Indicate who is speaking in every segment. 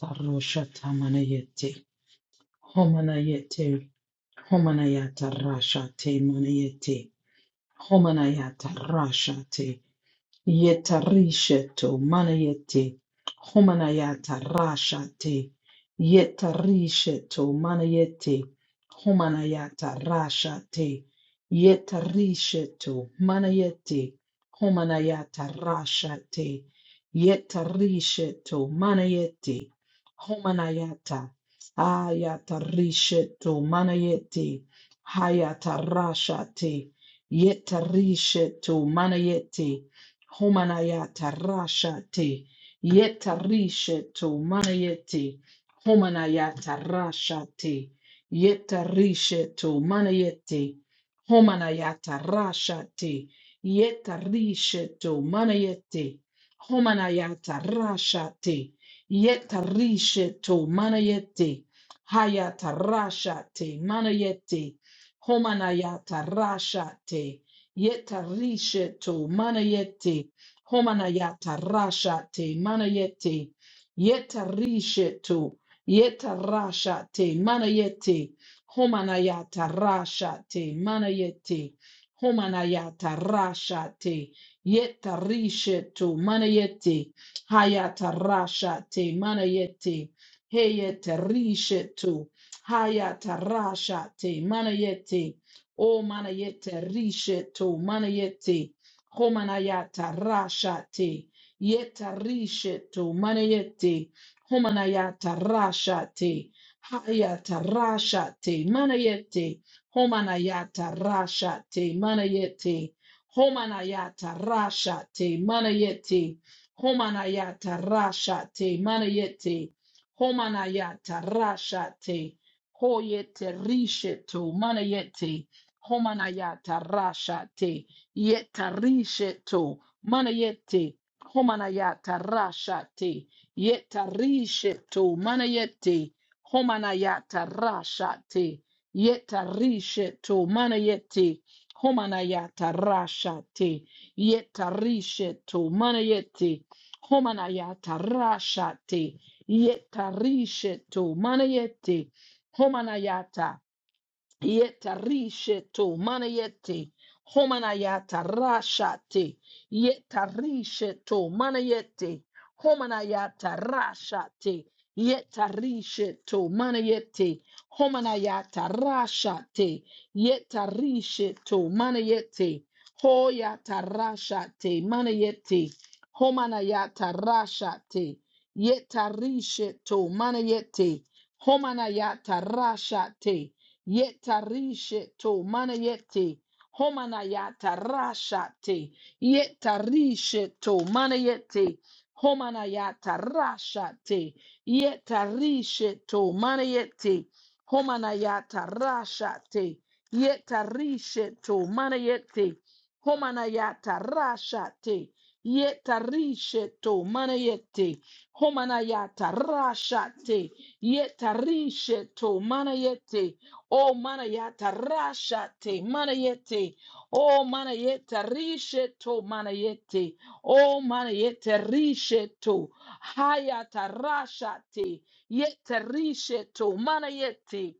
Speaker 1: Tarushata manayete, homanayete, homanayata rashate manayete, homanayata rashate. Yetarisheto manayete homanayata rashate. Yetarisheto manayete homanayata rashate. Yetarisheto manayete homanayata rashate. Yetarisheto manayete homanayata ayata risheto manayete hayata rashate. Yetarisheto manayete Homanayata rashate yetarisheto manayete homanayata rashate yetarisheto manayete homanayata rashate yetarisheto manayete homanayata rashate yetarisheto manayete hayata rashate manayete homanayata rashate Yetarisheto manayete homanayata rashate manayete yetarisheto yetarashate manayete homanayata rashate manayete homanayata rashate yetarisheto manayete hayata rashate manayete heyetarisheto hayata rashate manayete O manayete risheto manayete homanayata rashate yeta risheto manayete homanayata rashate hayata rashate manayete homanayata rashate manayete homanayata rashate manayete homanayata rashate manayete homanayata rashate hoyete risheto manayete Homanayata rashate yetarisheto manayete homanayata rashate yetarisheto manayete homanayata rashate yetarisheto manayete homanayata rashate yetarisheto manayete homanayata rashate yetarisheto manayete homanayata Yeta risheto manayete homanayata rashate. Yeta risheto manayete homanayata rashate. Yeta risheto manayete homanayata rashate. Yeta risheto manayete hoyata rashate manayete homanayata rashate. Yeta risheto manayete homanayata rashate. Yetarishe to manayete. Homanayata rashate. Yetarishe to manayete. Homanayata rashate. Yetarishe to manayete. Homanayata rashate. Yetarishe to manayete. Homanayata rashate. Yetarishe to manayete. Homanayata rashate. Yetarishe to manayete. O manayata rashate manayete. O manayeta risheto manayete. O manayete risheto. Hayata rashate. Yete risheto manayete.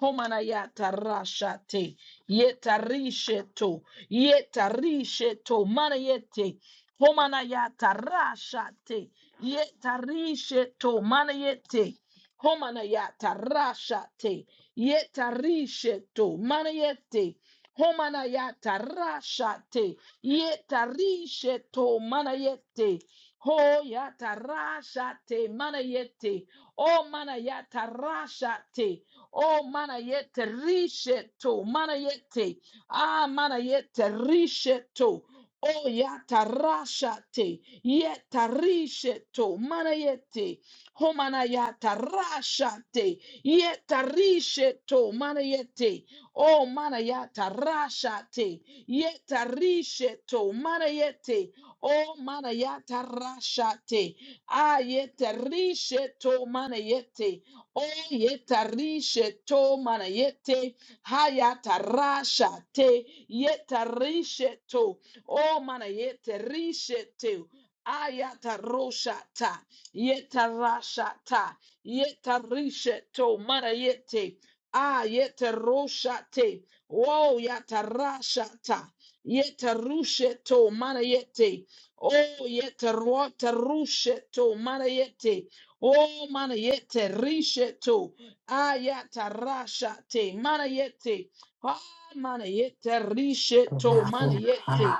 Speaker 1: Homanayata rashate. Yeta risheto. Yeta risheto manayete. Homanayata rashate. Yeta risheto manayete. Homanayata rashate. Yetarisheto manayete homanayata rashate yetarisheto manayete hoyata rashate manayete o manayata rashate o manayete risheto manayete ah manayete risheto o yata rashate yetarisheto manayete homanayata rashate Yetarishe to mana manayete. Oh manayata rashate. Yetarishe to mana manayete. Oh manayata rashate. Ayetarishe to mana manayete. Oh yetarishe to mana manayete. Hayata rashate. Yetarishe to. Oh manayeterishe te Ayata rosha ta roshata. ta. Yetarishe to manayete. Ah, yeteroshate. Whoa, yatarashata. Yetarushe to manayete. Oh, yetarotarushe to manayete. Oh, manayete rishe to. Ah, yatarashate. Manayete. Ah, manayete rishe to
Speaker 2: Mororo
Speaker 1: manayete.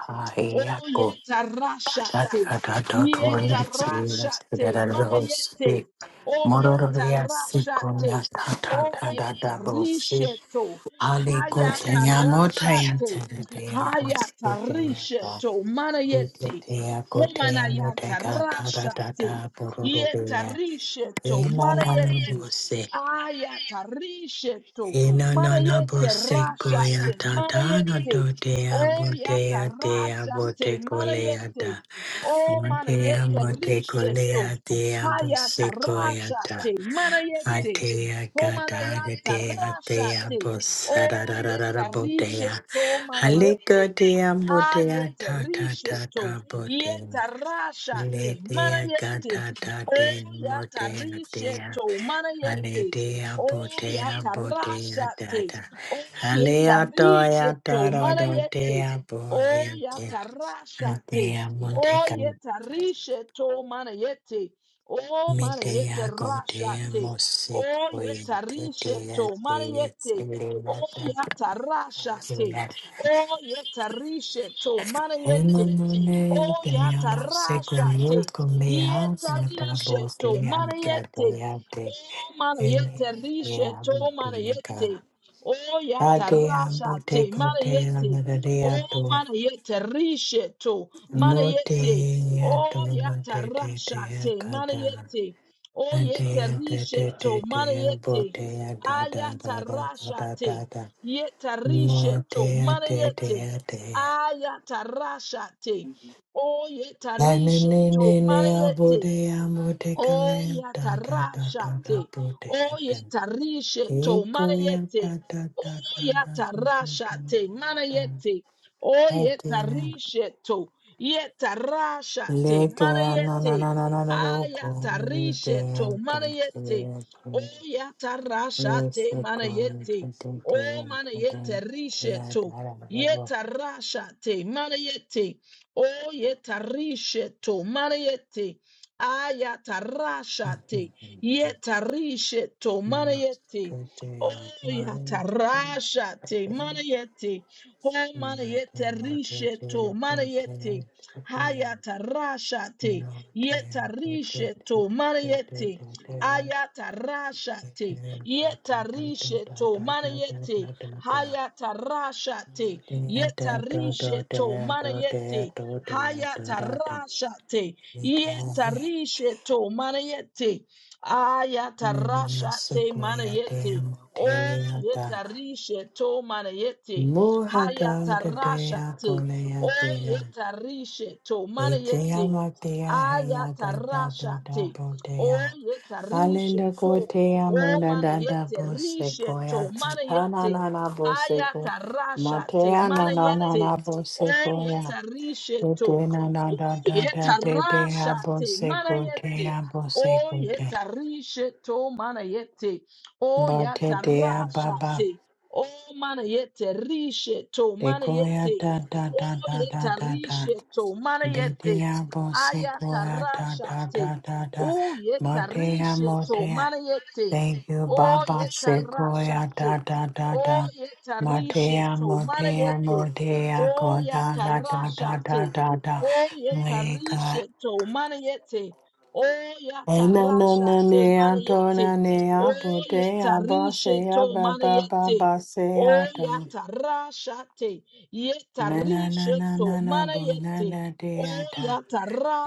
Speaker 1: Oh, yetarashate. Yetarashate. Manayete. O yatarashate. O yetarisheto. Hayatarashate. Hayatarisheto. Manayeti. Homanayatarashate. Yetarisheto. Manayeti. Ayatarisheto. Manayete rashate. Manayete. O yatarashate. Manayete. Oh,
Speaker 2: Motea
Speaker 1: mana
Speaker 2: Matea
Speaker 1: yete
Speaker 2: motecolea dea
Speaker 1: Hayata rashate,
Speaker 2: busecoyata.
Speaker 1: manayete,
Speaker 2: Atea gata
Speaker 1: homanayata
Speaker 2: dea dea
Speaker 1: rashate, oyeta
Speaker 2: busararara botea.
Speaker 1: risheto manayete
Speaker 2: Halika dea botea
Speaker 1: ayete
Speaker 2: ta ta ta
Speaker 1: risheto
Speaker 2: ta botea.
Speaker 1: yeta rashate mana
Speaker 2: Letea
Speaker 1: yete
Speaker 2: gata ta
Speaker 1: o
Speaker 2: de
Speaker 1: yata
Speaker 2: motea dea.
Speaker 1: risheto mana yete
Speaker 2: Aletea
Speaker 1: o
Speaker 2: botea
Speaker 1: yata
Speaker 2: botea
Speaker 1: rashate
Speaker 2: data.
Speaker 1: o yeta
Speaker 2: Aleatoya
Speaker 1: risheto
Speaker 2: tara
Speaker 1: mana yete
Speaker 2: dotea
Speaker 1: o
Speaker 2: boheke.
Speaker 1: yata rashate o
Speaker 2: Atea
Speaker 1: yeta risheto mana yete o mana yete
Speaker 2: Medea Goldea
Speaker 1: rashate o
Speaker 2: Mosik
Speaker 1: yeta
Speaker 2: Voyente Dea
Speaker 1: risheto mana
Speaker 2: Deis
Speaker 1: yete o
Speaker 2: Ilata
Speaker 1: yata rashate
Speaker 2: Ayula
Speaker 1: O yetarishe to mana yete. O
Speaker 2: Emanunea Dea Mosik
Speaker 1: yatarasha te.
Speaker 2: Yoko Mea Tata
Speaker 1: Yetarishe to
Speaker 2: Bodea
Speaker 1: mana yete.
Speaker 2: Gadea De
Speaker 1: O mana yetarishe
Speaker 2: Elea
Speaker 1: to mana
Speaker 2: Mutinaka
Speaker 1: yete. O
Speaker 2: Adea
Speaker 1: yatarasha te
Speaker 2: Moteko
Speaker 1: mana
Speaker 2: Dea
Speaker 1: yete. O
Speaker 2: Madadea To
Speaker 1: mana yetarishe to mana yete.
Speaker 2: Motea To
Speaker 1: O
Speaker 2: Mate
Speaker 1: yatarasha
Speaker 2: Dea
Speaker 1: te mana
Speaker 2: Kada
Speaker 1: yete. O
Speaker 2: Adea Dea
Speaker 1: yetarishe to mana
Speaker 2: Dea
Speaker 1: yete.
Speaker 2: Botea Da Da Da
Speaker 1: Ayatarasha
Speaker 2: Da
Speaker 1: te.
Speaker 2: Da Da Mo
Speaker 1: Yetarisheto
Speaker 2: dea dea
Speaker 1: Manayete
Speaker 2: dea dea.
Speaker 1: Ayatarashate O
Speaker 2: La ne ne
Speaker 1: Yetarisheto
Speaker 2: ne ne a bo
Speaker 1: Manayete
Speaker 2: dea mo de
Speaker 1: Oh
Speaker 2: kalea da da da da da
Speaker 1: yatarashate.
Speaker 2: bo
Speaker 1: Oh
Speaker 2: dea da.
Speaker 1: yetarishe to
Speaker 2: Eko ya
Speaker 1: manayete.
Speaker 2: da da
Speaker 1: Oh
Speaker 2: da da da do do do
Speaker 1: yatarashate
Speaker 2: ya da.
Speaker 1: manayete. Oh
Speaker 2: Hete na.
Speaker 1: yetarishe to
Speaker 2: Le
Speaker 1: yetarashate
Speaker 2: dea na na
Speaker 1: manayete.
Speaker 2: na na na na ro ko ni
Speaker 1: Ayatarishe
Speaker 2: dea
Speaker 1: to
Speaker 2: da
Speaker 1: manayete.
Speaker 2: dea
Speaker 1: Oh
Speaker 2: dea. Ni
Speaker 1: yatarashate
Speaker 2: se ko ni da
Speaker 1: manayete.
Speaker 2: da
Speaker 1: Oh
Speaker 2: dea da da
Speaker 1: manayete rishe
Speaker 2: dea
Speaker 1: to
Speaker 2: da da da bo.
Speaker 1: yetarashate manayete. Oh yetarishe to manayete ayatarashate, yetarishe to
Speaker 2: You must
Speaker 1: manayete,
Speaker 2: go
Speaker 1: oh
Speaker 2: there. Tomorrow, bring a
Speaker 1: yatarashate,
Speaker 2: bed.
Speaker 1: manayete, oh manayete
Speaker 2: Nothing will
Speaker 1: rishe
Speaker 2: take
Speaker 1: to
Speaker 2: you from today
Speaker 1: manayete,
Speaker 2: to day.
Speaker 1: hayatarashate,
Speaker 2: No day, day, day,
Speaker 1: yetarishe
Speaker 2: day,
Speaker 1: to
Speaker 2: day, day,
Speaker 1: manayete,
Speaker 2: day, day. Day,
Speaker 1: ayatarashate,
Speaker 2: day, da, da, da,
Speaker 1: yetarishe
Speaker 2: da,
Speaker 1: to
Speaker 2: da, da, da, da,
Speaker 1: manayete,
Speaker 2: da, da, da.
Speaker 1: hayatarashate,
Speaker 2: Day, da, da,
Speaker 1: yetarishe
Speaker 2: da,
Speaker 1: to
Speaker 2: day, da, day,
Speaker 1: manayete,
Speaker 2: da, day, da, da, da.
Speaker 1: hayatarashate,
Speaker 2: Nikame,
Speaker 1: Yetarishe to manayete.
Speaker 2: nanya
Speaker 1: Ayatarasha te
Speaker 2: sukoya dea
Speaker 1: manayete. O
Speaker 2: motelia da.
Speaker 1: yetarishe to manayete.
Speaker 2: Muhada da
Speaker 1: Hayatarasha
Speaker 2: dea
Speaker 1: te. O
Speaker 2: kolea
Speaker 1: yetarishe to
Speaker 2: Etea
Speaker 1: manayete.
Speaker 2: matea hea da da da
Speaker 1: Ayatarasha
Speaker 2: da
Speaker 1: te. O
Speaker 2: botea.
Speaker 1: yetarishe
Speaker 2: Alenda kotea
Speaker 1: O
Speaker 2: muda
Speaker 1: mana
Speaker 2: da da
Speaker 1: yete rishe to
Speaker 2: bosekoya.
Speaker 1: mana
Speaker 2: Ta na
Speaker 1: yete
Speaker 2: na na boseko.
Speaker 1: ayata rasha te
Speaker 2: Matea na
Speaker 1: mana
Speaker 2: na na
Speaker 1: yete
Speaker 2: na
Speaker 1: o
Speaker 2: bosekoya.
Speaker 1: yeta rishe to
Speaker 2: Ete na na
Speaker 1: o
Speaker 2: da da da
Speaker 1: yeta
Speaker 2: te te ha
Speaker 1: rasha te mana
Speaker 2: boseko te
Speaker 1: yete
Speaker 2: ha
Speaker 1: o
Speaker 2: boseko te.
Speaker 1: yeta rishe to mana yete o
Speaker 2: Ba te
Speaker 1: yata rasha
Speaker 2: baba.
Speaker 1: te o mana yete rishe to
Speaker 2: Te
Speaker 1: mana
Speaker 2: koya
Speaker 1: yete
Speaker 2: da da
Speaker 1: o
Speaker 2: da da da
Speaker 1: yeta
Speaker 2: da da.
Speaker 1: rishe to mana yete
Speaker 2: Betea
Speaker 1: ayata
Speaker 2: bosekoya da
Speaker 1: rasha
Speaker 2: da
Speaker 1: te
Speaker 2: da da da.
Speaker 1: O
Speaker 2: Matea
Speaker 1: yetarisheto
Speaker 2: motea.
Speaker 1: mariete.
Speaker 2: Thank you,
Speaker 1: O
Speaker 2: Baba Sequoia, da
Speaker 1: yetarashate.
Speaker 2: da da
Speaker 1: O
Speaker 2: da. Matea,
Speaker 1: yetarisheto
Speaker 2: Motea,
Speaker 1: mariete.
Speaker 2: Motea,
Speaker 1: O
Speaker 2: go da da da da da
Speaker 1: yatarashate.
Speaker 2: da da.
Speaker 1: O
Speaker 2: Weka.
Speaker 1: yetarisheto mariete. O
Speaker 2: Ena no no
Speaker 1: yatarashate
Speaker 2: nea
Speaker 1: mariete.
Speaker 2: tona
Speaker 1: O
Speaker 2: nea potea
Speaker 1: yetarishe
Speaker 2: basea
Speaker 1: to
Speaker 2: ba ba ba
Speaker 1: mariete. O
Speaker 2: basea ta.
Speaker 1: yatarashate.
Speaker 2: Mena na na
Speaker 1: Yetarisheto
Speaker 2: na na bona
Speaker 1: mariete.
Speaker 2: na
Speaker 1: O
Speaker 2: dea ta.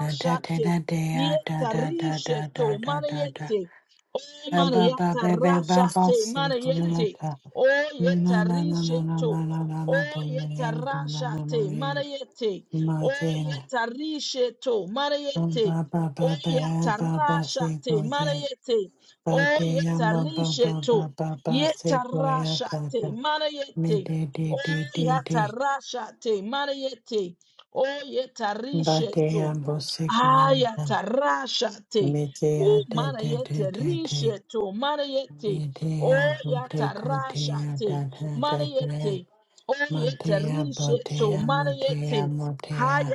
Speaker 2: Na da da da dea da
Speaker 1: Yeta
Speaker 2: da da
Speaker 1: rishe
Speaker 2: da
Speaker 1: to
Speaker 2: da da da.
Speaker 1: manayete. O
Speaker 2: Ba ba ba
Speaker 1: manayata
Speaker 2: ba ba ba
Speaker 1: rasha
Speaker 2: ba ba ba
Speaker 1: te manayete.
Speaker 2: ba
Speaker 1: O yeta rishe to. O yeta rasha te manayete. O yeta rishe to manayete. O
Speaker 2: ba
Speaker 1: yeta
Speaker 2: ba ba
Speaker 1: rasha
Speaker 2: si
Speaker 1: te
Speaker 2: kote.
Speaker 1: manayete.
Speaker 2: ba
Speaker 1: O
Speaker 2: te ya
Speaker 1: yeta
Speaker 2: ba ba ba
Speaker 1: rishe
Speaker 2: ba
Speaker 1: to.
Speaker 2: ba ba na na na na na na na na na
Speaker 1: Yeta rasha
Speaker 2: na
Speaker 1: te
Speaker 2: na me me me
Speaker 1: manayete.
Speaker 2: de de
Speaker 1: O
Speaker 2: de de
Speaker 1: yeta
Speaker 2: de
Speaker 1: rasha te manayete. O yeta
Speaker 2: Ba
Speaker 1: rishe
Speaker 2: te
Speaker 1: to.
Speaker 2: ya bo si koya ta.
Speaker 1: Ayatarashate.
Speaker 2: Me te ya
Speaker 1: Ooh,
Speaker 2: de de de
Speaker 1: manayete
Speaker 2: de de
Speaker 1: risheto. Manayete.
Speaker 2: bo bo koya koya te kote ya
Speaker 1: Oyatarashate.
Speaker 2: ta ta ta
Speaker 1: Manayete.
Speaker 2: ta.
Speaker 1: Oyete
Speaker 2: Matea
Speaker 1: risheto.
Speaker 2: botea
Speaker 1: Manayete.
Speaker 2: motea motea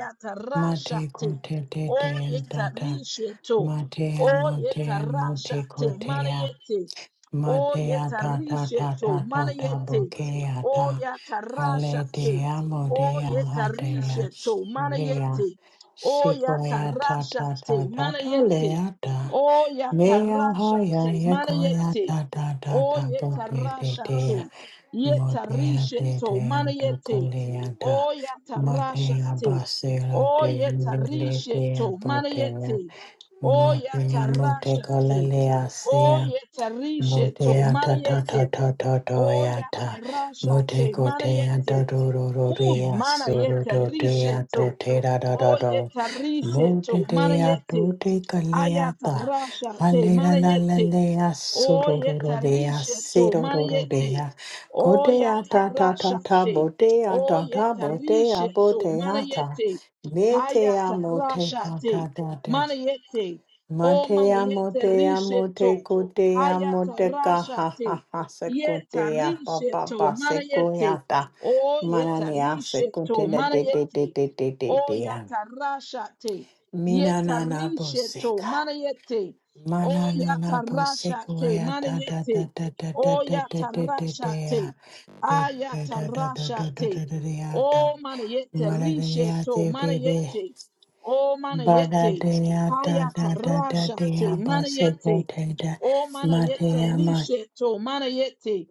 Speaker 2: mate kote te te
Speaker 1: Oyeta
Speaker 2: tata
Speaker 1: risheto.
Speaker 2: matea motea mote
Speaker 1: Oyetarashate.
Speaker 2: kotea
Speaker 1: Manayete. O
Speaker 2: matea ta ta
Speaker 1: yetarishe
Speaker 2: ta
Speaker 1: to
Speaker 2: ta ta ta
Speaker 1: manayete.
Speaker 2: bokea
Speaker 1: O
Speaker 2: ta
Speaker 1: yatarashate.
Speaker 2: aletea
Speaker 1: O
Speaker 2: motea hatea
Speaker 1: yetarishe to
Speaker 2: shea
Speaker 1: manayete. O
Speaker 2: sikoya ta ta ta
Speaker 1: yatarashate
Speaker 2: ta
Speaker 1: manayete.
Speaker 2: tolea ta
Speaker 1: O
Speaker 2: mea haya
Speaker 1: yatarashate
Speaker 2: yekoya
Speaker 1: manayete.
Speaker 2: ta ta ta ta
Speaker 1: O
Speaker 2: bote te
Speaker 1: yetarashate.
Speaker 2: Modea
Speaker 1: Yetarishe
Speaker 2: de
Speaker 1: to
Speaker 2: deanto
Speaker 1: manayete.
Speaker 2: coleanta,
Speaker 1: O
Speaker 2: Matea
Speaker 1: yatarashate.
Speaker 2: basela
Speaker 1: O
Speaker 2: de lele
Speaker 1: yetarishe
Speaker 2: dea
Speaker 1: to
Speaker 2: botea,
Speaker 1: manayete. O
Speaker 2: Motea
Speaker 1: yatarashate.
Speaker 2: motecolelea
Speaker 1: Oyetarisheto
Speaker 2: Motea ta ta
Speaker 1: manayete.
Speaker 2: ta ta ta toya ta.
Speaker 1: Oyatarashate
Speaker 2: Mote kotea
Speaker 1: manayete.
Speaker 2: ta do do do
Speaker 1: Uy,
Speaker 2: rea soro
Speaker 1: manayete
Speaker 2: do dea
Speaker 1: risheto.
Speaker 2: to te da da da do.
Speaker 1: Oyetarisheto
Speaker 2: Mote dea
Speaker 1: manayete.
Speaker 2: to te kalea
Speaker 1: Ayata
Speaker 2: ta.
Speaker 1: rasha te
Speaker 2: Hale la la la
Speaker 1: manayete.
Speaker 2: lea soro do do
Speaker 1: Oyeta
Speaker 2: dea
Speaker 1: rishe to
Speaker 2: siro do do
Speaker 1: manayete.
Speaker 2: dea.
Speaker 1: o
Speaker 2: Kotea
Speaker 1: Oyata
Speaker 2: ta ta
Speaker 1: rasha
Speaker 2: ta ta
Speaker 1: te.
Speaker 2: botea ta ta
Speaker 1: Oyeta
Speaker 2: botea
Speaker 1: rishe to
Speaker 2: botea ta.
Speaker 1: manayete.
Speaker 2: Metea
Speaker 1: Hayata
Speaker 2: mote
Speaker 1: rasha te.
Speaker 2: kata ta ta.
Speaker 1: Manayete. O
Speaker 2: Matea
Speaker 1: manayete
Speaker 2: motea
Speaker 1: rishe
Speaker 2: mote
Speaker 1: to.
Speaker 2: kotea
Speaker 1: Hayata
Speaker 2: moteka
Speaker 1: rasha
Speaker 2: ha
Speaker 1: te.
Speaker 2: ha ha se
Speaker 1: Yeta
Speaker 2: kotea pa
Speaker 1: rishe
Speaker 2: pa
Speaker 1: to
Speaker 2: pa se
Speaker 1: manayete.
Speaker 2: koyata
Speaker 1: Oyeta
Speaker 2: manania se
Speaker 1: rishe to
Speaker 2: kontena de de de
Speaker 1: manayete.
Speaker 2: de de
Speaker 1: o
Speaker 2: de de an.
Speaker 1: Oyata rasha te.
Speaker 2: Mina na na
Speaker 1: Yetarisheto
Speaker 2: boseka.
Speaker 1: manayete. O
Speaker 2: Mana na na boseka
Speaker 1: yatarashate
Speaker 2: ya da da da
Speaker 1: manayete.
Speaker 2: da da da
Speaker 1: O
Speaker 2: da da da da da ya.
Speaker 1: yatarashate.
Speaker 2: De da da da da da da da
Speaker 1: Ayatarashate.
Speaker 2: da da ya da.
Speaker 1: O manayete
Speaker 2: Mana de ya
Speaker 1: risheto
Speaker 2: de
Speaker 1: manayete. O manayete.
Speaker 2: Badadea da da da da
Speaker 1: Hayatarashate
Speaker 2: dea
Speaker 1: manayete.
Speaker 2: basegotea
Speaker 1: O mana yete
Speaker 2: matea mat
Speaker 1: rishe to mana yete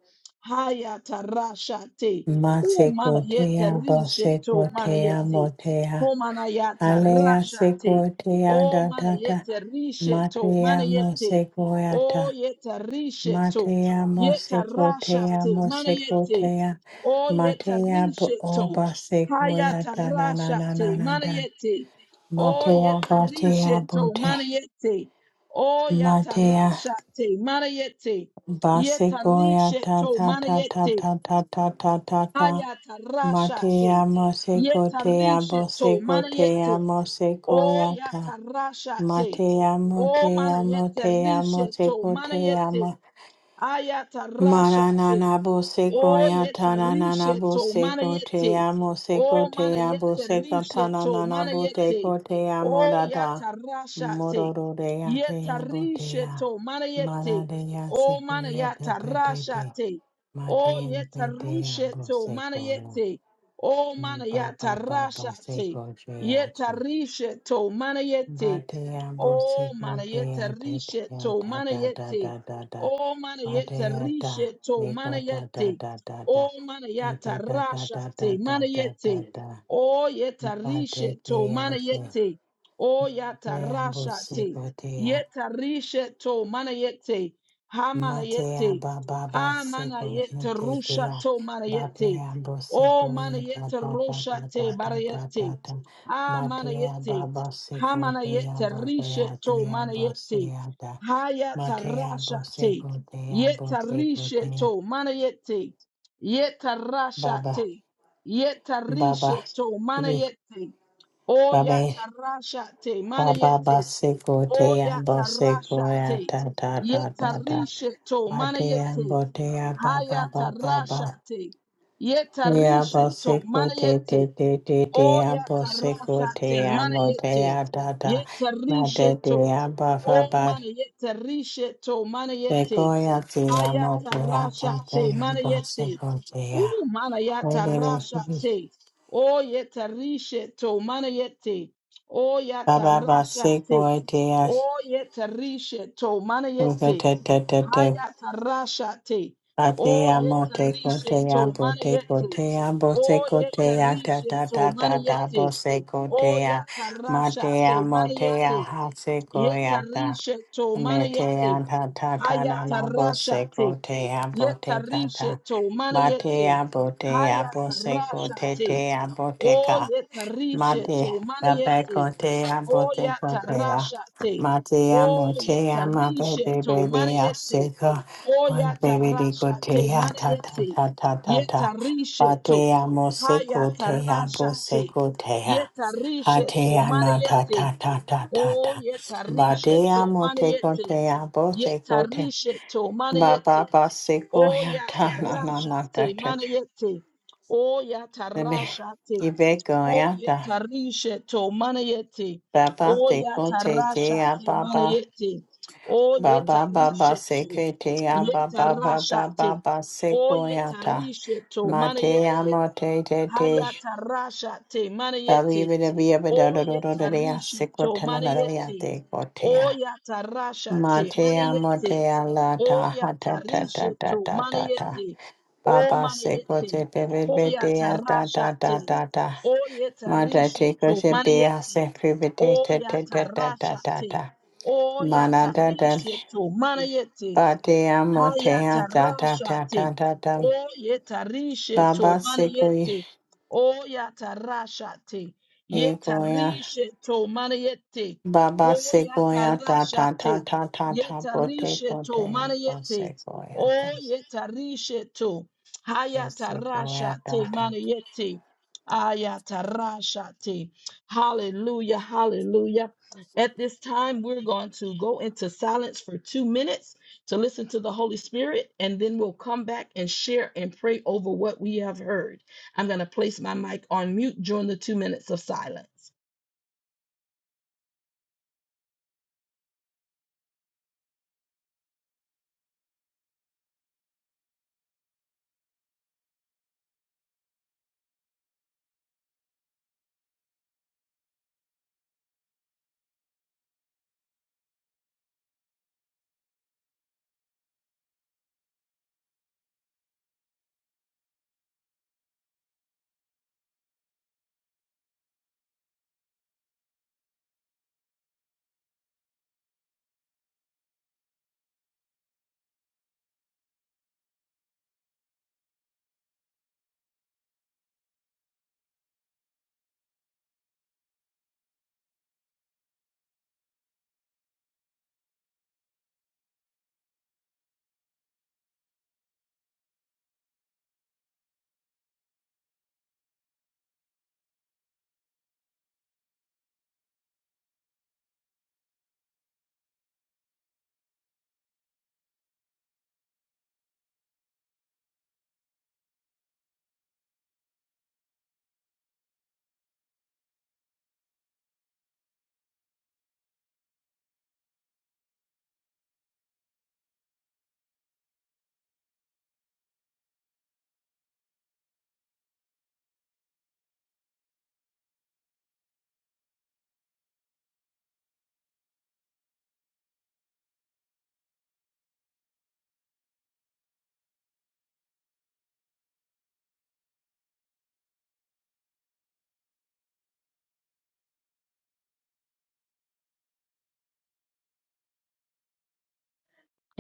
Speaker 1: haya tarasha te. O mana yete
Speaker 2: masegotea
Speaker 1: rishe to mana
Speaker 2: basegotea
Speaker 1: yete.
Speaker 2: motea
Speaker 1: Ho mana yata
Speaker 2: alea
Speaker 1: rasha te.
Speaker 2: segotea
Speaker 1: O
Speaker 2: da
Speaker 1: mana
Speaker 2: da da
Speaker 1: yete rishe to mana
Speaker 2: matea
Speaker 1: yete. O
Speaker 2: mosegoeta
Speaker 1: yeta rishe to.
Speaker 2: matea
Speaker 1: Yeta rasha
Speaker 2: mosegotea
Speaker 1: te mana yete.
Speaker 2: mosegotea
Speaker 1: O yeta
Speaker 2: matea bo
Speaker 1: rishe
Speaker 2: o
Speaker 1: to. Haya
Speaker 2: basegoea da da da
Speaker 1: tarasha
Speaker 2: da da
Speaker 1: te
Speaker 2: da
Speaker 1: mana
Speaker 2: da
Speaker 1: yete. O
Speaker 2: matea
Speaker 1: yeta rishe
Speaker 2: batea
Speaker 1: to
Speaker 2: bote
Speaker 1: mana yete o
Speaker 2: matea
Speaker 1: yatarashate, manayete,
Speaker 2: Basekoya ta
Speaker 1: yetarisheto,
Speaker 2: ta ta ta
Speaker 1: manayete,
Speaker 2: ta ta ta ta ta ta. Matea
Speaker 1: ayatarashate,
Speaker 2: moseko tea
Speaker 1: yetarisheto,
Speaker 2: boseko tea
Speaker 1: manayete,
Speaker 2: moseko
Speaker 1: oh,
Speaker 2: yata.
Speaker 1: yatarashate,
Speaker 2: Matea
Speaker 1: oh,
Speaker 2: motea
Speaker 1: manayete,
Speaker 2: motea
Speaker 1: risheto,
Speaker 2: moseko
Speaker 1: manayete, ayatarashate,
Speaker 2: Maranana Boseko
Speaker 1: Oh, yete
Speaker 2: Yatanana
Speaker 1: risheto, mana
Speaker 2: Boseko Te
Speaker 1: yete.
Speaker 2: Amo
Speaker 1: Oh,
Speaker 2: Seko Te
Speaker 1: mana
Speaker 2: Abo
Speaker 1: yete
Speaker 2: Seko
Speaker 1: risheto,
Speaker 2: Tanana
Speaker 1: mana yete.
Speaker 2: Boteko Te
Speaker 1: Oh,
Speaker 2: Amorada
Speaker 1: yata rashate.
Speaker 2: Mororo de Ate
Speaker 1: Yeta
Speaker 2: Abotea
Speaker 1: risheto, mana yete.
Speaker 2: Maradea
Speaker 1: Oh,
Speaker 2: Seko
Speaker 1: mana
Speaker 2: Yata
Speaker 1: yata
Speaker 2: Tete
Speaker 1: rashate. Oh,
Speaker 2: Matea
Speaker 1: yeta
Speaker 2: Tete Abo
Speaker 1: rusheto, mana
Speaker 2: Seko
Speaker 1: yete. Oh, mana yata
Speaker 2: Baba Baba
Speaker 1: rashate. Yeta
Speaker 2: Seko
Speaker 1: risheto, mana yete.
Speaker 2: Batea bosi
Speaker 1: Oh, manayete
Speaker 2: botea tetea
Speaker 1: risheto,
Speaker 2: da da da
Speaker 1: manayete.
Speaker 2: da da da
Speaker 1: Oh, manayete
Speaker 2: Batea da
Speaker 1: risheto,
Speaker 2: Nika da da
Speaker 1: manayete.
Speaker 2: da da da
Speaker 1: Oh,
Speaker 2: da
Speaker 1: manayata
Speaker 2: da da da da da
Speaker 1: rashate,
Speaker 2: da da da
Speaker 1: manayete.
Speaker 2: da
Speaker 1: Oh, yeta risheto,
Speaker 2: Batea se
Speaker 1: manayete. Oh, yata
Speaker 2: Batea bosi
Speaker 1: rashate.
Speaker 2: botea
Speaker 1: Yeta risheto, manayete. Ha
Speaker 2: Matea
Speaker 1: manayete.
Speaker 2: ba ba ba
Speaker 1: Ah,
Speaker 2: se go
Speaker 1: manayete
Speaker 2: tetea
Speaker 1: rushato, manayete.
Speaker 2: Batea bosi
Speaker 1: Oh,
Speaker 2: go da
Speaker 1: manayete
Speaker 2: da da da da
Speaker 1: roshate,
Speaker 2: da da da
Speaker 1: barayete.
Speaker 2: da
Speaker 1: Ah,
Speaker 2: Matea
Speaker 1: manayete.
Speaker 2: ba ba se go
Speaker 1: Hamana
Speaker 2: tea
Speaker 1: yete
Speaker 2: ba ba
Speaker 1: rishe to
Speaker 2: tea
Speaker 1: mana
Speaker 2: ba se
Speaker 1: yete.
Speaker 2: da
Speaker 1: Haya
Speaker 2: Matea
Speaker 1: tarasha
Speaker 2: Bose
Speaker 1: te.
Speaker 2: Gotea
Speaker 1: Yeta
Speaker 2: Bose
Speaker 1: rishe
Speaker 2: Gotea
Speaker 1: to mana yete. Yeta rasha
Speaker 2: Baba
Speaker 1: te. Yeta
Speaker 2: Baba
Speaker 1: rishe to mana
Speaker 2: Iri
Speaker 1: yete. Oya
Speaker 2: Baba
Speaker 1: tarasha te mana
Speaker 2: Baba
Speaker 1: yete.
Speaker 2: Base
Speaker 1: Oya
Speaker 2: Gotea Bose
Speaker 1: tarasha
Speaker 2: Goya
Speaker 1: te.
Speaker 2: Ta Ta Ta
Speaker 1: Yeta
Speaker 2: Ta Ta
Speaker 1: rishe to mana
Speaker 2: Matea
Speaker 1: yete.
Speaker 2: Botea
Speaker 1: Haya
Speaker 2: Baba Baba
Speaker 1: tarasha
Speaker 2: Baba
Speaker 1: te. Yeta
Speaker 2: Ya
Speaker 1: rishe to
Speaker 2: Bose
Speaker 1: mana
Speaker 2: Gote
Speaker 1: yete.
Speaker 2: Te Te Te
Speaker 1: O
Speaker 2: Te Ya Bose
Speaker 1: yatarashate,
Speaker 2: Gotea
Speaker 1: mana yete,
Speaker 2: Motea Ta Ta
Speaker 1: yetarisheto.
Speaker 2: Matetea
Speaker 1: O
Speaker 2: Baba Baba
Speaker 1: mana yetarisheto, mana yete,
Speaker 2: Begoya Tia Motea Ta
Speaker 1: hayatarashate, mana yete.
Speaker 2: Ta
Speaker 1: U
Speaker 2: Ya
Speaker 1: mana
Speaker 2: Bose Gotea
Speaker 1: yatarashate. O yetarisheto, mana yete. O
Speaker 2: Ba ba ba se go
Speaker 1: yatarashate.
Speaker 2: te a
Speaker 1: O yetarisheto, mana
Speaker 2: go te
Speaker 1: yete.
Speaker 2: te te te. te
Speaker 1: Hayatarashate.
Speaker 2: A
Speaker 1: O
Speaker 2: te a mo te ko
Speaker 1: yetarishe
Speaker 2: te a
Speaker 1: to
Speaker 2: bo te ko
Speaker 1: manayete.
Speaker 2: te a bo se
Speaker 1: O
Speaker 2: ko te a ta
Speaker 1: yetarishe
Speaker 2: ta
Speaker 1: to
Speaker 2: ta ta ta bo
Speaker 1: manayete.
Speaker 2: se ko
Speaker 1: O
Speaker 2: te a. Ma te
Speaker 1: yatarashate
Speaker 2: a mo te a
Speaker 1: manayete.
Speaker 2: ha se ko e a ta.
Speaker 1: Yetarishe to
Speaker 2: Me te a
Speaker 1: manayete.
Speaker 2: ta ta ta na na bo se ko
Speaker 1: Hayatarashate.
Speaker 2: te a bo te ka ta.
Speaker 1: Yetarishe to
Speaker 2: Ma te a
Speaker 1: manayete.
Speaker 2: bo te a bo se ko te te
Speaker 1: Hayatarashate.
Speaker 2: a bo te ka.
Speaker 1: O yetarishe
Speaker 2: Mate,
Speaker 1: to
Speaker 2: Rabbe
Speaker 1: manayete.
Speaker 2: Conte, Abote
Speaker 1: Oya
Speaker 2: Contea,
Speaker 1: tarashate.
Speaker 2: Mate,
Speaker 1: Oye
Speaker 2: Amotea, my baby,
Speaker 1: tarisheto.
Speaker 2: baby,
Speaker 1: Manayete.
Speaker 2: Asika, one
Speaker 1: Oya
Speaker 2: baby, de
Speaker 1: tarashate.
Speaker 2: Cotea, ta ta
Speaker 1: Manayete.
Speaker 2: ta ta ta ta,
Speaker 1: Yetarisheto.
Speaker 2: Bate, Amose
Speaker 1: Haya
Speaker 2: Cotea, Bose
Speaker 1: tarashate.
Speaker 2: Cotea,
Speaker 1: Yetarisheto.
Speaker 2: Hatea, na ta
Speaker 1: Manayete.
Speaker 2: ta ta ta ta
Speaker 1: O
Speaker 2: ta, Bate,
Speaker 1: yetarisheto.
Speaker 2: Amote
Speaker 1: Manayete.
Speaker 2: Cotea, Bose Cote,
Speaker 1: Yetarisheto. Manayete.
Speaker 2: Baba,
Speaker 1: O
Speaker 2: Baseco,
Speaker 1: yata
Speaker 2: ta na na
Speaker 1: rasha
Speaker 2: na ta
Speaker 1: te
Speaker 2: ta,
Speaker 1: mana yete. O yata rasha te. O
Speaker 2: Ibeco,
Speaker 1: yata rishe to mana yete.
Speaker 2: Baba
Speaker 1: O
Speaker 2: Seko
Speaker 1: yata
Speaker 2: Te
Speaker 1: rasha
Speaker 2: Te
Speaker 1: te mana
Speaker 2: Ababa
Speaker 1: yete. O yata
Speaker 2: Baba Baba
Speaker 1: rishe to.
Speaker 2: Seke Te
Speaker 1: Yeta
Speaker 2: Ababa
Speaker 1: rasha
Speaker 2: Baba
Speaker 1: te.
Speaker 2: Baba
Speaker 1: O
Speaker 2: Seko
Speaker 1: yeta
Speaker 2: Yata
Speaker 1: rishe to mana
Speaker 2: Mate
Speaker 1: yete.
Speaker 2: Amate Te Te
Speaker 1: Hayata rasha te mana
Speaker 2: Bali
Speaker 1: yete.
Speaker 2: Bida Bia
Speaker 1: O
Speaker 2: Bida Do Do Do Do
Speaker 1: yeta
Speaker 2: Dea
Speaker 1: rishe
Speaker 2: Seko
Speaker 1: to mana
Speaker 2: Tananaria
Speaker 1: yete.
Speaker 2: Te
Speaker 1: O
Speaker 2: Kotea
Speaker 1: yata rasha te
Speaker 2: Mate
Speaker 1: mana yete.
Speaker 2: Amate Alata
Speaker 1: Oya
Speaker 2: Hata Ta
Speaker 1: tarishe
Speaker 2: Ta Ta
Speaker 1: tu
Speaker 2: Ta Ta Ta
Speaker 1: manayeti. O
Speaker 2: Baba Seko
Speaker 1: manayeti.
Speaker 2: Te Bebe
Speaker 1: Oya
Speaker 2: Bede Ta Ta Ta
Speaker 1: tarashate.
Speaker 2: Ta Ta
Speaker 1: Oya
Speaker 2: Mata
Speaker 1: tarishe
Speaker 2: Te
Speaker 1: tu
Speaker 2: Kose Bea
Speaker 1: manayeti.
Speaker 2: Se Private te
Speaker 1: Oya
Speaker 2: te Te Ta Ta Ta
Speaker 1: tarashate.
Speaker 2: Ta
Speaker 1: Oya
Speaker 2: Mana da da
Speaker 1: tarishe tu manayeti.
Speaker 2: ba te amo te a da da da da
Speaker 1: Hayatarashate.
Speaker 2: da da
Speaker 1: O yetarishe to
Speaker 2: Baba seko i
Speaker 1: maniete. O yatarashate.
Speaker 2: i goya
Speaker 1: Yetarishe to maniete.
Speaker 2: Baba
Speaker 1: O
Speaker 2: seko ya da da da
Speaker 1: yatarashate.
Speaker 2: da da da bo te
Speaker 1: Yetarishe
Speaker 2: ko te
Speaker 1: to
Speaker 2: a ba
Speaker 1: maniete.
Speaker 2: seko
Speaker 1: O
Speaker 2: ya da
Speaker 1: yetarishe to.
Speaker 2: seko
Speaker 1: Hayatarashate
Speaker 2: da
Speaker 1: maniete. Ayatarashate. Hallelujah. Hallelujah. At this time, we're going to go into silence for two minutes to listen to the Holy Spirit, and then we'll come back and share and pray over what we have heard. I'm going to place my mic on mute during the two minutes of silence.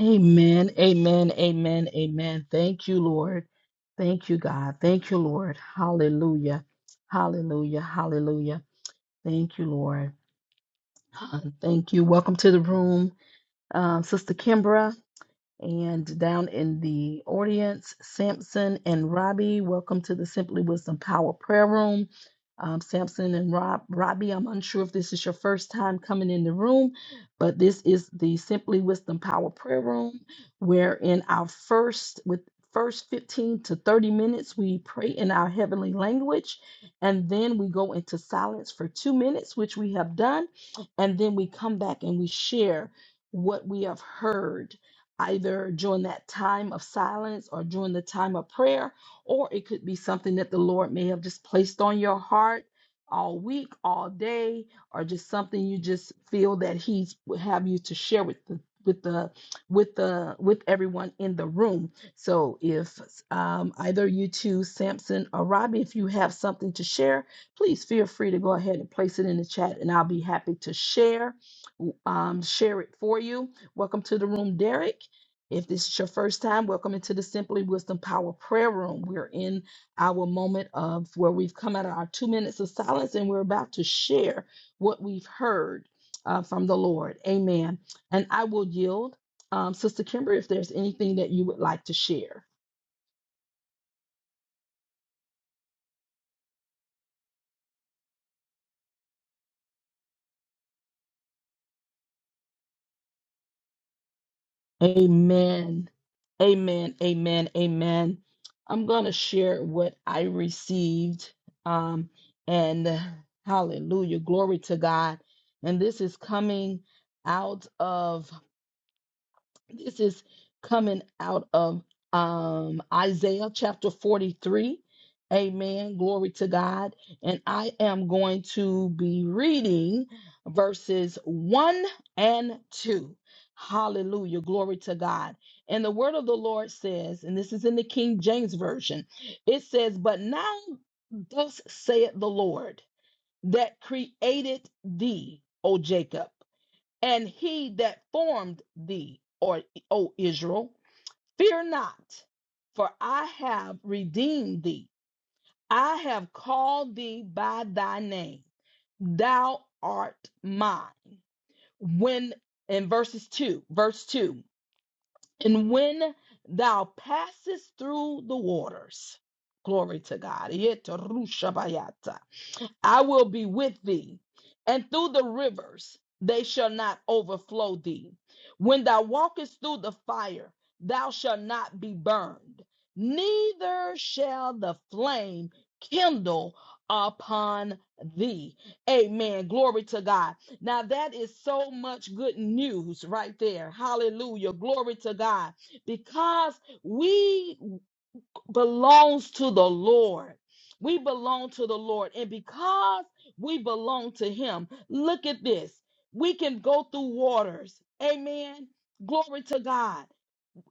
Speaker 1: Amen, amen, amen, amen. Thank you, Lord. Thank you, God. Thank you, Lord. Hallelujah, hallelujah, hallelujah. Thank you, Lord. Uh, Thank you. Welcome to the room, uh, Sister Kimbra. And down in the audience, Samson and Robbie, welcome to the Simply Wisdom Power Prayer Room. Um, Samson and Rob, Robbie, I'm unsure if this is your first time coming in the room, but this is the Simply Wisdom Power Prayer Room, where in our first with first 15 to 30 minutes we pray in our heavenly language and then we go into silence for two minutes which we have done and then we come back and we share what we have heard either during that time of silence or during the time of prayer, or it could be something that the Lord may have just placed on your heart all week, all day, or just something you just feel that He would have you to share with the with the with the with everyone in the room. So if um, either you two, Samson or Robbie, if you have something to share, please feel free to go ahead and place it in the chat, and I'll be happy to share um, share it for you. Welcome to the room, Derek. If this is your first time, welcome into the Simply Wisdom Power Prayer Room. We're in our moment of where we've come out of our two minutes of silence and we're about to share what we've heard uh, from the Lord. Amen. And I will yield, um, Sister Kimber, if there's anything that you would like to share. Amen. Amen. Amen. Amen. I'm going to share what I received. Um, and hallelujah. Glory to God. And this is coming out of this is coming out of um, Isaiah chapter 43. Amen. Glory to God. And I am going to be reading verses 1 and 2. Hallelujah. Glory to God. And the word of the Lord says, and this is in the King James Version, it says, But now thus saith the Lord that created thee, O Jacob and he that formed thee, or O Israel, fear not, for I have redeemed thee. I have called thee by thy name. Thou art mine. When in verses two, verse two, and when thou passest through the waters, glory to God. I will be with thee, and through the rivers they shall not overflow thee. When thou walkest through the fire, thou shalt not be burned, neither shall the flame kindle upon thee. Amen. Glory to God. Now, that is so much good news right there. Hallelujah. Glory to God. Because we belongs to the Lord. We belong to the Lord. And because we belong to Him, look at this. We can go through waters. Amen. Glory to God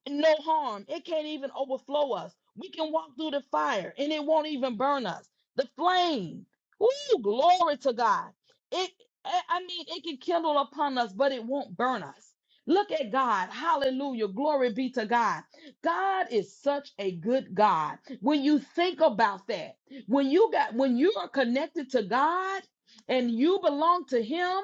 Speaker 1: no harm. It can't even overflow us. We can walk through the fire and it won't even burn us. The flame. Ooh, glory to God. It I I mean it can kindle upon us, but it won't burn us. Look at God. Hallelujah. Glory be to God. God is such a good God. When you think about that, when you got when you are connected to God and you belong to him,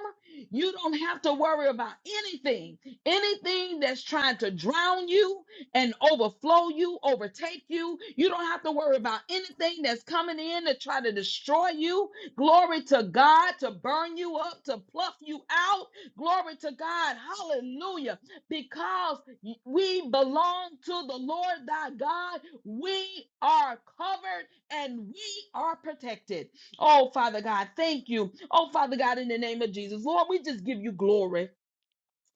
Speaker 1: you don't have to worry about anything Anything that's trying to drown you and overflow you, overtake you, you don't have to worry about anything that's coming in to try to destroy you. Glory to God to burn you up, to pluck you out. Glory to God. Hallelujah. Because we belong to the Lord thy God, we are covered and we are protected. Oh, Father God, thank you. Oh, Father God, in the name of Jesus, Lord, we just give you glory.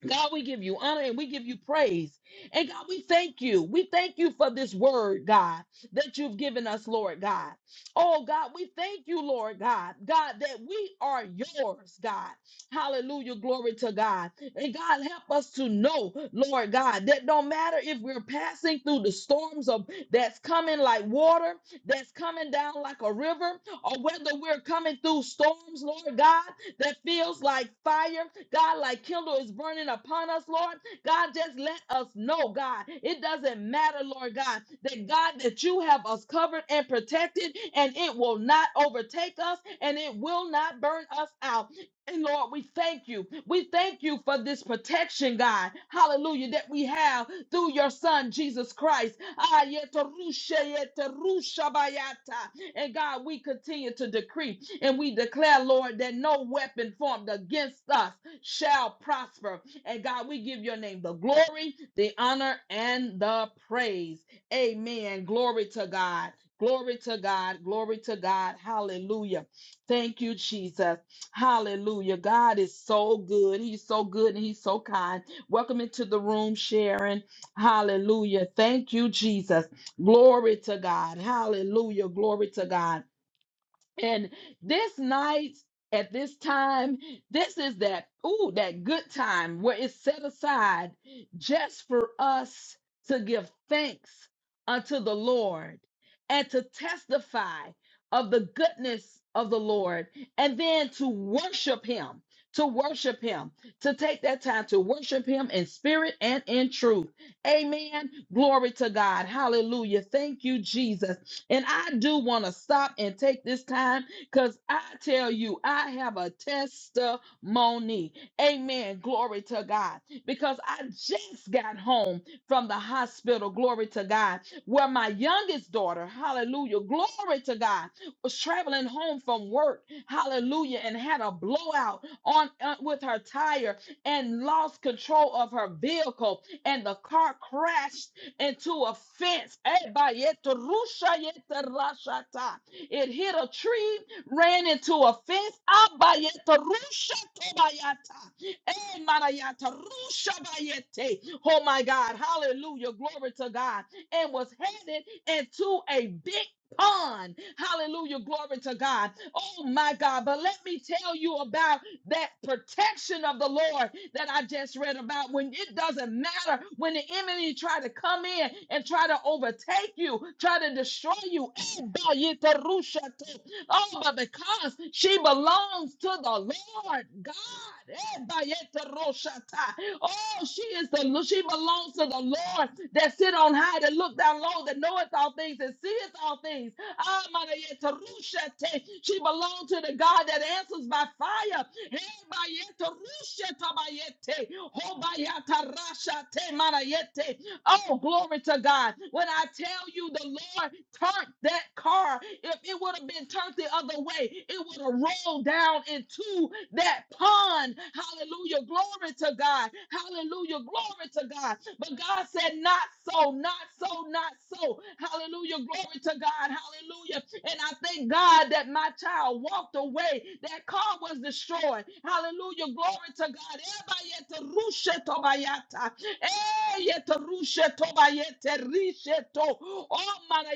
Speaker 1: God, we give you honor and we give you praise. And God, we thank you. We thank you for this word, God, that you've given us, Lord God. Oh, God, we thank you, Lord God, God, that we are yours, God. Hallelujah. Glory to God. And God, help us to know, Lord God, that no matter if we're passing through the storms of that's coming like water, that's coming down like a river, or whether we're coming through storms, Lord God, that feels like fire. God, like kindle is burning upon us, Lord. God, just let us know, God. It doesn't matter, Lord God, that God, that you have us covered and protected, and it will not overtake us and it will not burn us out. And Lord, we thank you. We thank you for this protection, God. Hallelujah, that we have through your Son, Jesus Christ. Ah, yetarusha, yetarusha bayata. And God, we continue to decree and we declare, Lord, that no weapon formed against us shall prosper. And God, we give your name the glory, the honor, and the praise. Amen. Glory to God. Glory to God. Glory to God. Hallelujah. Thank you, Jesus. Hallelujah. God is so good. He's so good and he's so kind. Welcome into the room, Sharon. Hallelujah. Thank you, Jesus. Glory to God. Hallelujah. Glory to God. And this night at this time, this is that ooh, that good time where it's set aside just for us to give thanks unto the Lord and to testify of the goodness of the Lord and then to worship him. To worship him, to take that time to worship him in spirit and in truth. Amen. Glory to God. Hallelujah. Thank you, Jesus. And I do want to stop and take this time because I tell you, I have a testimony. Amen. Glory to God. Because I just got home from the hospital. Glory to God. Where my youngest daughter, hallelujah, glory to God, was traveling home from work. Hallelujah. And had a blowout on uh, with her tire and lost control of her vehicle. And the car crashed and to offense. Ebayetorushayeterashata. It hit a tree, ran into a fence. Abayetorushatobayata. Emanayatorushabayete. Oh my God. Hallelujah. Glory to God. And was headed into a big pond. Hallelujah. Glory to God. Oh my God. But let me tell you about that protection of the Lord that I just read about when it doesn't matter when the enemy try to come in and try to overtake you, try to destroy you. Oh, but because she belongs to the Lord God. Oh, she is the she belongs to the Lord that sit on high, that look down low, that knoweth all things, that seeth all things. Ah, She belongs to the God that answers by fire. Ebayete rushe tabayete. Hobayata rasha te marayete. Oh, glory to God. When I tell you the Lord turned that car, if it would have been turned the other way, it would have rolled down into that pond. Hallelujah. Glory to God. Hallelujah. Glory to God. But God said, Not so, not so, not so. Hallelujah. Glory to God. Hallelujah. And I thank God that my child walked away. That car was destroyed. Hallelujah. Glory to God. Eh, yeto rushe to ba yete rishe to. Oh, mana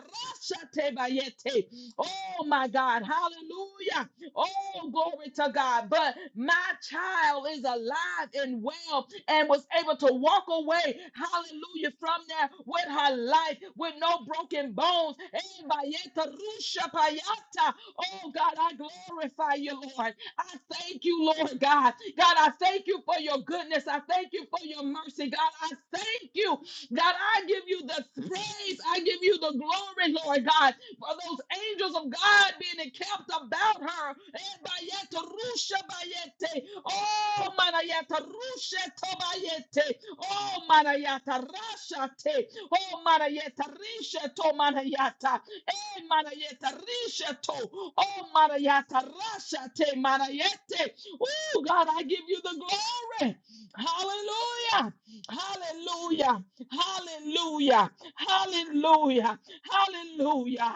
Speaker 1: rasha te ba yete. Oh, my God. Hallelujah. Oh, glory to God. But my child is alive and well and was able to walk away, hallelujah, from there with her life, with no broken bones. Eh, ba yeta rusha pa yata. Oh, God, I glorify you, Lord. I thank you, Lord God. God, I thank you for your goodness. I thank you for your mercy. God, I thank you. God, I give you the praise. I give you the glory, Lord God, for those angels of God being encamped about her. Ebayete, rusha bayete. Oh, manayata, rusha tobayete. Oh, manayata, rashate. Oh, manayata, risha tomanayata. Eh, manayeta risheto. Oh, manayata rashate manayete. Oh, God, I give you the glory. Hallelujah. Hallelujah. Hallelujah. Hallelujah. Hallelujah.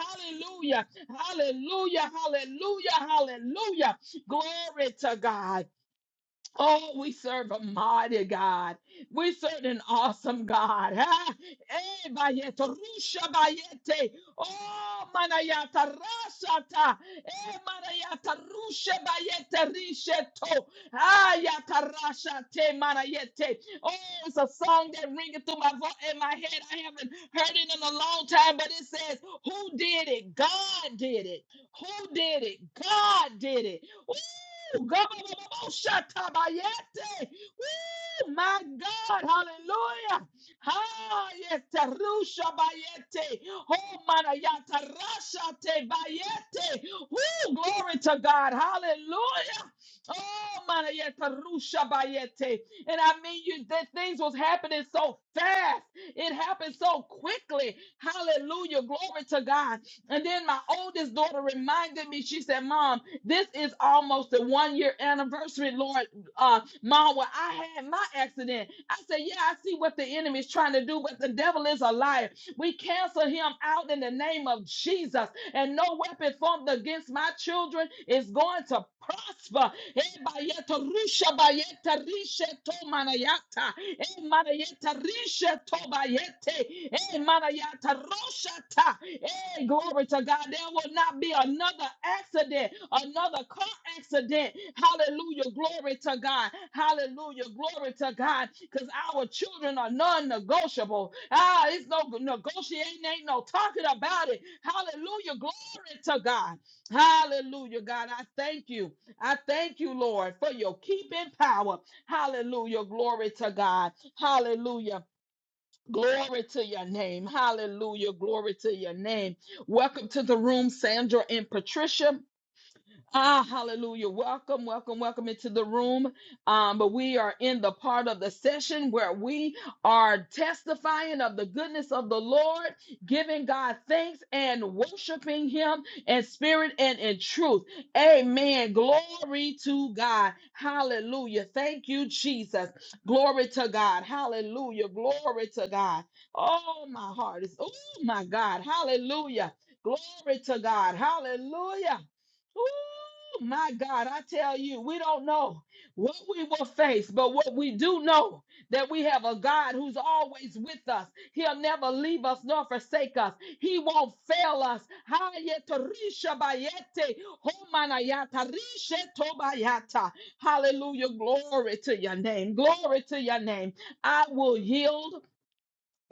Speaker 1: Hallelujah. Hallelujah. Hallelujah. Hallelujah. Glory to God. Oh, we serve a mighty God. We serve an awesome God. Ha! Eh, bayete, rusha bayete. Oh, manayata rasata. Eh, manayata rusha bayete risheto. Ayata rashate manayete. Oh, it's a song that ringing through my voice in my head. I haven't heard it in a long time, but it says, Who did it? God did it. Who did it? God did it. Woo! Gobobobobosatabayete. Woo! My God, hallelujah. Ah, yes, terusha bayete. Oh, manayata rashate bayete. Woo! Glory to God, hallelujah. Oh, manayata rusha bayete. And I mean, you that things was happening so fast. It happened so quickly. Hallelujah. Glory to God. And then my oldest daughter reminded me, she said, Mom, this is almost the one year anniversary, Lord. Uh, Mom, when I had my accident, I said, Yeah, I see what the enemy is trying to do, but the devil is a liar. We cancel him out in the name of Jesus, and no weapon formed against my children is going to prosper. Eh, bayeta rusha bayeta rishe to manayata. Eh, manayeta rishe to bayete. Eh, manayata roshata. Eh, glory to God. God, there will not be another accident, another car accident. Hallelujah. Glory to God. Hallelujah. Glory to God. Because our children are non negotiable. Ah, it's no negotiating, ain't no talking about it. Hallelujah. Glory to God. Hallelujah, God. I thank you. I thank you, Lord, for your keeping power. Hallelujah. Glory to God. Hallelujah. Glory to your name. Hallelujah. Glory to your name. Welcome to the room, Sandra and Patricia. Ah, hallelujah. Welcome, welcome, welcome into the room. Um, but we are in the part of the session where we are testifying of the goodness of the Lord, giving God thanks and worshiping Him in spirit and in truth. Amen. Glory to God. Hallelujah. Thank you, Jesus. Glory to God. Hallelujah. Glory to God. Oh, my heart is, oh, my God. Hallelujah. Glory to God. Hallelujah. Ooh, my God, I tell you, we don't know what we will face, but what we do know that we have a God who's always with us. He'll never leave us nor forsake us. He won't fail us. Hayetorishabayete, homanayatarishettobayata. Hallelujah. Glory to your name. Glory to your name. I will yield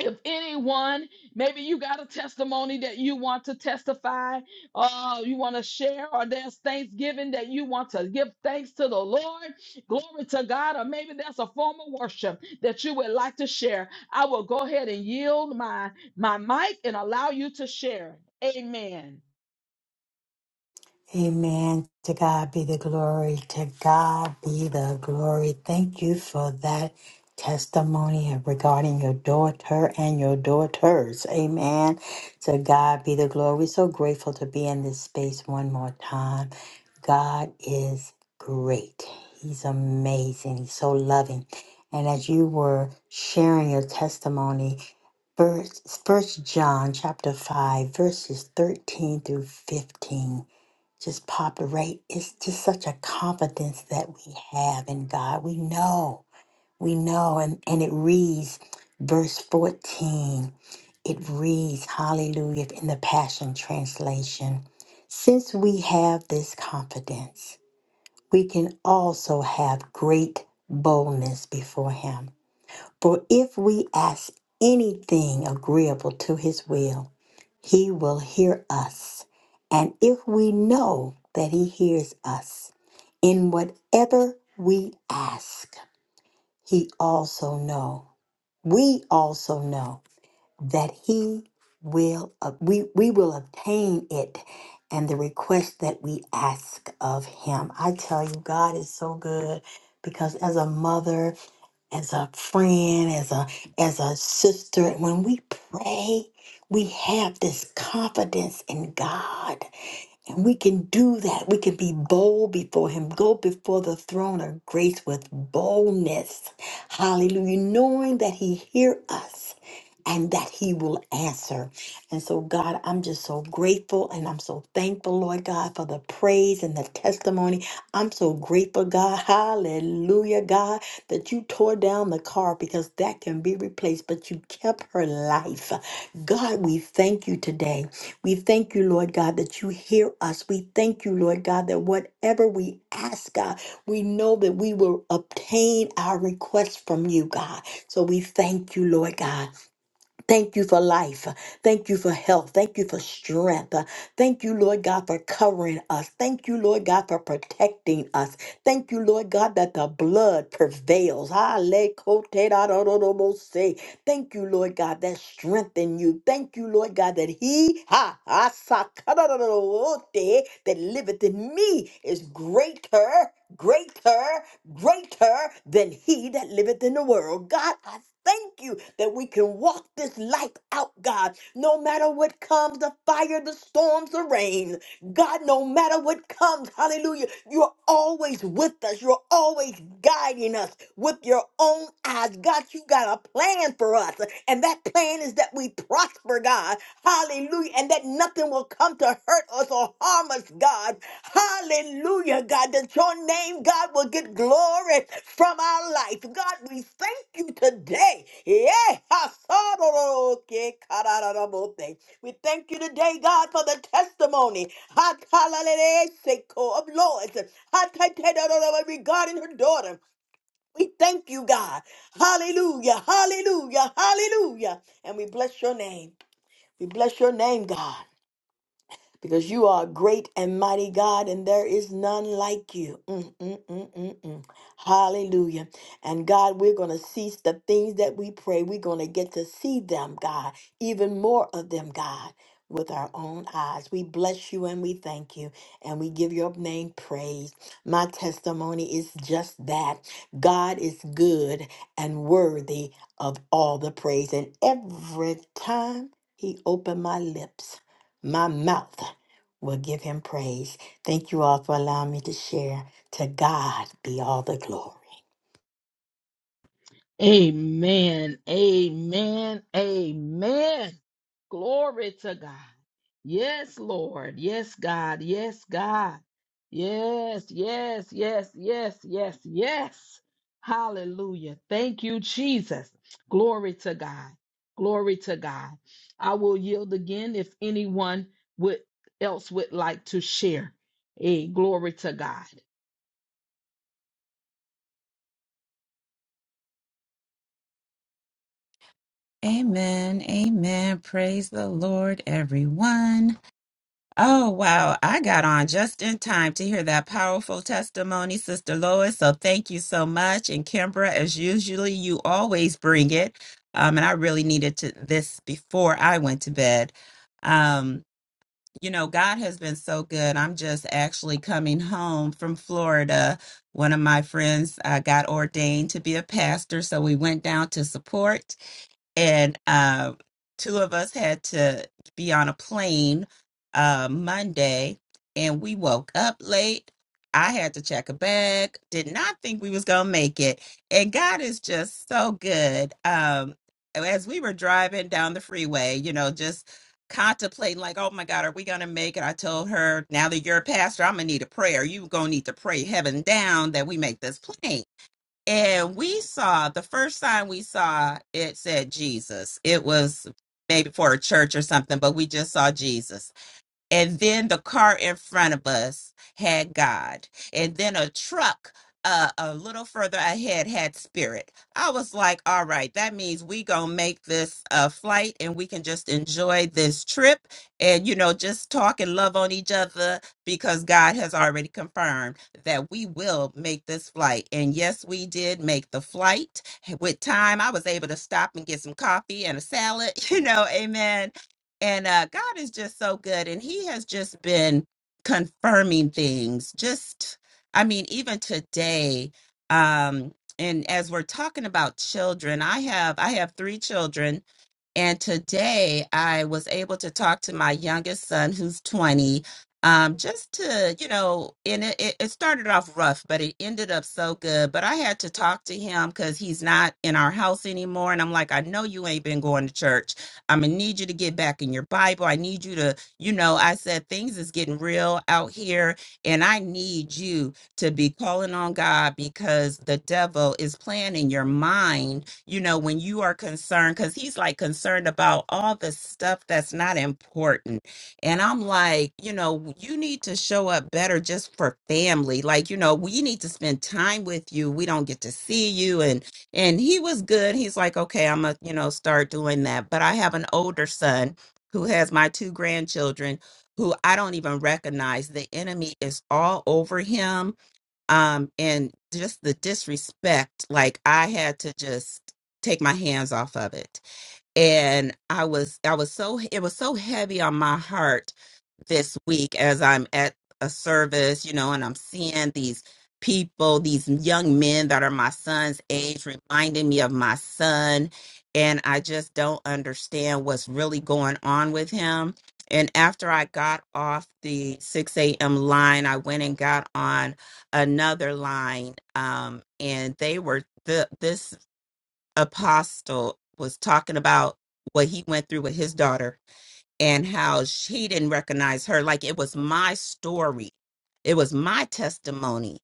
Speaker 1: if anyone maybe you got a testimony that you want to testify uh you want to share or there's thanksgiving that you want to give thanks to the lord glory to god or maybe that's a form of worship that you would like to share i will go ahead and yield my my mic and allow you to share amen
Speaker 2: Amen. To God be the glory. To God be the glory. Thank you for that testimony regarding your daughter and your daughters. Amen. To God be the glory. We're so grateful to be in this space one more time. God is great. He's amazing. He's so loving. And as you were sharing your testimony, first, first John chapter 5, verses 13 through 15 just populate. It's just such a confidence that we have in God. We know, we know. And, and it reads, verse 14, it reads, Hallelujah, in the Passion Translation. Since we have this confidence, we can also have great boldness before Him. For if we ask anything agreeable to his will, he will hear us. And if we know that he hears us, in whatever we ask, he also know. We also know that he will ob- we, we will obtain it and the request that we ask of him. I tell you God is so good because as a mother as a friend, as a as a sister. When we pray, we have this confidence in God and we can do that. We can be bold before Him, go before the throne of grace with boldness. Hallelujah. Knowing that He hears us and that He will answer. And so, God, I'm just so grateful and I'm so thankful, Lord God, for the praise and the testimony. I'm so grateful, God. Hallelujah, God, that you tore down the car because that can be replaced, but you kept her life. God, we thank you today. We thank you, Lord God, that you hear us. We thank you, Lord God, that whatever we ask, God, we know that we will obtain our request from you, God. So we thank you, Lord God. Thank you for life. Thank you for health. Thank you for strength. Thank you, Lord God, for covering us. Thank you, Lord God, for protecting us. Thank you, Lord God, that the blood prevails. Hallelujah. Thank you, Lord God, that strengthen you. Thank you, Lord God, that he ha, asakarorote, that liveth in me is greater, greater, greater than he that liveth in the world. God, I thank you that we can walk this life out, God, no matter what comes the fire, the storms, the rain. God, no matter what comes, hallelujah, you're always with us. You're always guiding us with your own eyes. God, you got a plan for us. And that plan is that we prosper, God. Hallelujah. And that nothing will come to hurt us or harm us, God. Hallelujah, God, that your name, God, will get glory from our life. God, we thank you today. Yeah. We thank you today, God, for the testimony Hatalaleleseko, of Lord's Hatatedarorowa, regarding her daughter. We thank you, God. Hallelujah, hallelujah, hallelujah. And we bless your name. We bless your name, God because you are a great and mighty God, and there is none like you. Mm, mm, mm, mm, mm. Hallelujah. And God, we're going to cease the things that we pray. We're going to get to see them, God, even more of them, God, with our own eyes. We bless you and we thank you, and we give your name praise. My testimony is just that God is good and worthy of all the praise. And every time He opened my lips, my mouth will give him praise. Thank you all for allowing me to share. To God be all the glory.
Speaker 1: amen amen amen Glory to God. Yes, Lord. Yes, God. Yes, God. Yes, yes, yes, yes, yes, yes. Hallelujah. Thank you, Jesus. Glory to God. Glory to God. I will yield again if anyone would else would like to share. Hey, glory to God.
Speaker 3: Amen. Amen. Praise the Lord, everyone. Oh, wow. I got on just in time to hear that powerful testimony, Sister Lois. So thank you so much. And Kimbra, as usually, you always bring it. Um, and I really needed to this before I went to bed. Um, you know, God has been so good. I'm just actually coming home from Florida. One of my friends uh, got ordained to be a pastor, so we went down to support and uh, two of us had to be on a plane uh, Monday, and we woke up late. I had to check a bag. Did not think we was gonna make it, and God is just so good. Um, as we were driving down the freeway, you know, just contemplating like, oh my God, are we gonna make it? I told her, now that you're a pastor, I'm gonna need a prayer. You gonna need to pray heaven down that we make this plane and we saw the first sign we saw it said Jesus. It was maybe for a church or something, but we just saw Jesus and then the car in front of us had God, and then a truck uh, a little further ahead had Spirit. I was like, all right, that means we gonna make this uh, flight, and we can just enjoy this trip, and you know, just talk and love on each other because God has already confirmed that we will make this flight. And yes, we did make the flight with time. I was able to stop and get some coffee and a salad, you know, amen and uh, God is just so good. And He has just been confirming things. Just, I mean, even today, um, and as we're talking about children, I have I have three children and today I was able to talk to my youngest son, who's 20, um, just to, you know, and it, it it started off rough, but it ended up so good. But I had to talk to him because he's not in our house anymore. And I'm like, I know you ain't been going to church. I'm going to need you to get back in your Bible. I need you to, you know, I said, things is getting real out here. And I need you to be calling on God because the devil is playing in your mind you know, when you are concerned, because he's like concerned about all the stuff that's not important. And I'm like, you know, you need to show up better just for family. Like, you know, we need to spend time with you. We don't get to see you. And and he was good. He's like, okay, I'm gonna, you know, start doing that. But I have an older son who has my two grandchildren who I don't even recognize. The enemy is all over him um and just the disrespect like i had to just take my hands off of it and i was i was so it was so heavy on my heart this week as I'm at a service, you know, and I'm seeing these people, these young men that are my son's age, reminding me of my son. And I just don't understand what's really going on with him. And after I got off the 6 a.m. line, I went and got on another line. Um, and they were, the, this apostle was talking about what he went through with his daughter and how she didn't recognize her. Like it was my story, it was my testimony,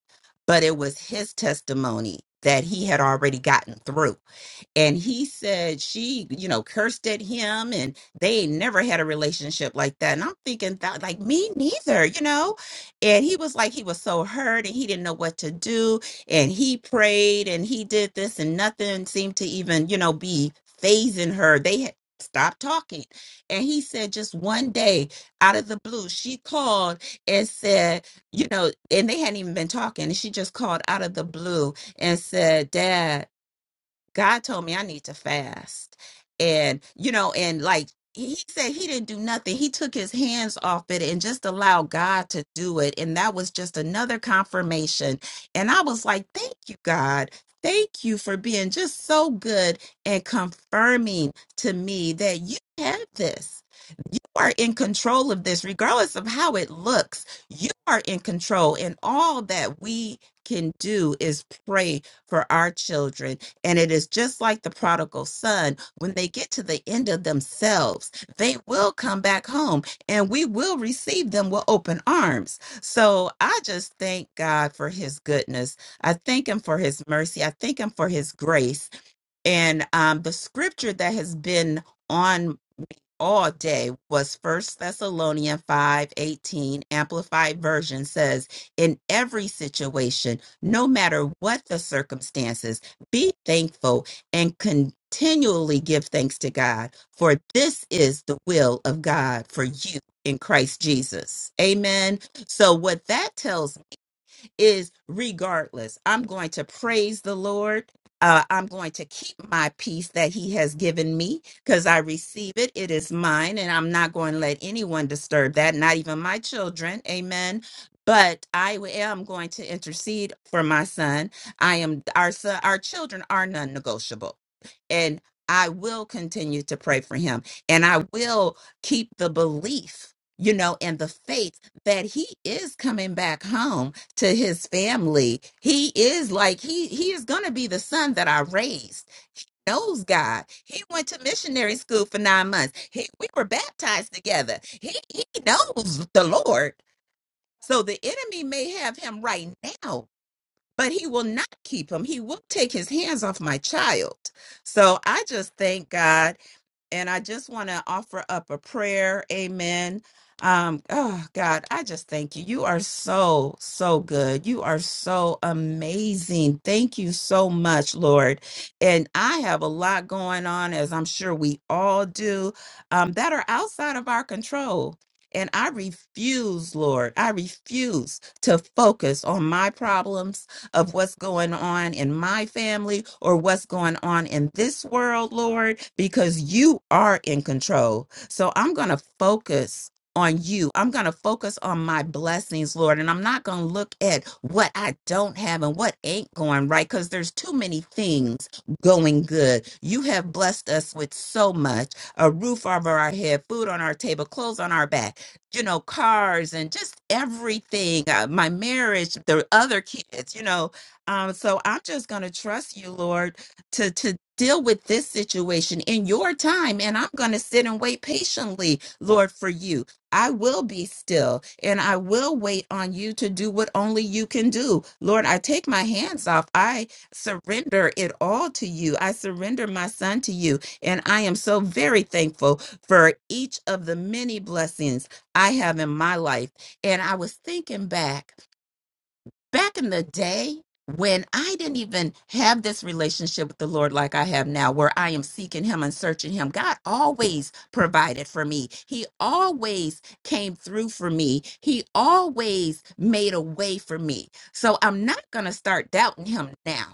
Speaker 3: but it was his testimony that he had already gotten through. And he said she, you know, cursed at him and they ain't never had a relationship like that. And I'm thinking that like me neither, you know? And he was like he was so hurt and he didn't know what to do. And he prayed and he did this and nothing seemed to even, you know, be phasing her. They had stopped talking and he said, just one day out of the blue, she called and said, you know, and they hadn't even been talking. And she just called out of the blue and said, Dad. God told me I need to fast. And, you know, and like he he said he didn't do nothing. He took his hands off it and just allowed God to do it. And that was just another confirmation. And I was like, thank you, God. Thank you for being just so good and confirming to me that you have this. You are in control of this, regardless of how it looks. You are in control. And all that we can do is pray for our children and it is just like the prodigal son. When they get to the end of themselves, they will come back home and we will receive them with open arms. So I just thank God for his goodness. I thank him for his mercy. I thank him for his grace. And um, the scripture that has been on all day was first thessalonians 5 18 amplified version says in every situation no matter what the circumstances be thankful and continually give thanks to god for this is the will of god for you in christ jesus amen so what that tells is regardless, I'm going to praise the Lord. Uh, I'm going to keep my peace that He has given me because I receive it. It is mine, and I'm not going to let anyone disturb that, not even my children. Amen. But I am going to intercede for my son. I am our son, our children are non negotiable. And I will continue to pray for him. And I will keep the belief, you know, and the faith that he is coming back home to his family. He is like he he is going to be the son that I raised. He knows God. He went to missionary school for 9 months. He, we were baptized together. He he knows the Lord. So the enemy may have him right now, but he will not keep him. He will take his hands off my child. So I just thank God and I just want to offer up a prayer. Amen. Um, oh God, I just thank you. You are so, so good. You are so amazing. Thank you so much, Lord. And I have a lot going on, as I'm sure we all do, um, that are outside of our control. And I refuse, Lord, I refuse to focus on my problems of what's going on in my family or what's going on in this world, Lord, because you are in control. So I'm going to focus on you. I'm going to focus on my blessings, Lord, and I'm not going to look at what I don't have and what ain't going right because there's too many things going good. You have blessed us with so much a roof over our head, food on our table, clothes on our back you know, cars and just everything, uh, my marriage, the other kids, you know. Um, so I'm just going to trust you, Lord, to to deal with this situation in your time, and I'm going to sit and wait patiently, Lord, for you. I will be still and I will wait on you to do what only you can do. Lord, I take my hands off. I surrender it all to you. I surrender my son to you. And I am so very thankful for each of the many blessings I have in my life. And I was thinking back, back in the day when I didn't even have this relationship with the Lord like I have now, where I am seeking Him and searching Him, God always provided for me. He always came through for me. He always made a way for me. So I'm not going to start doubting Him now.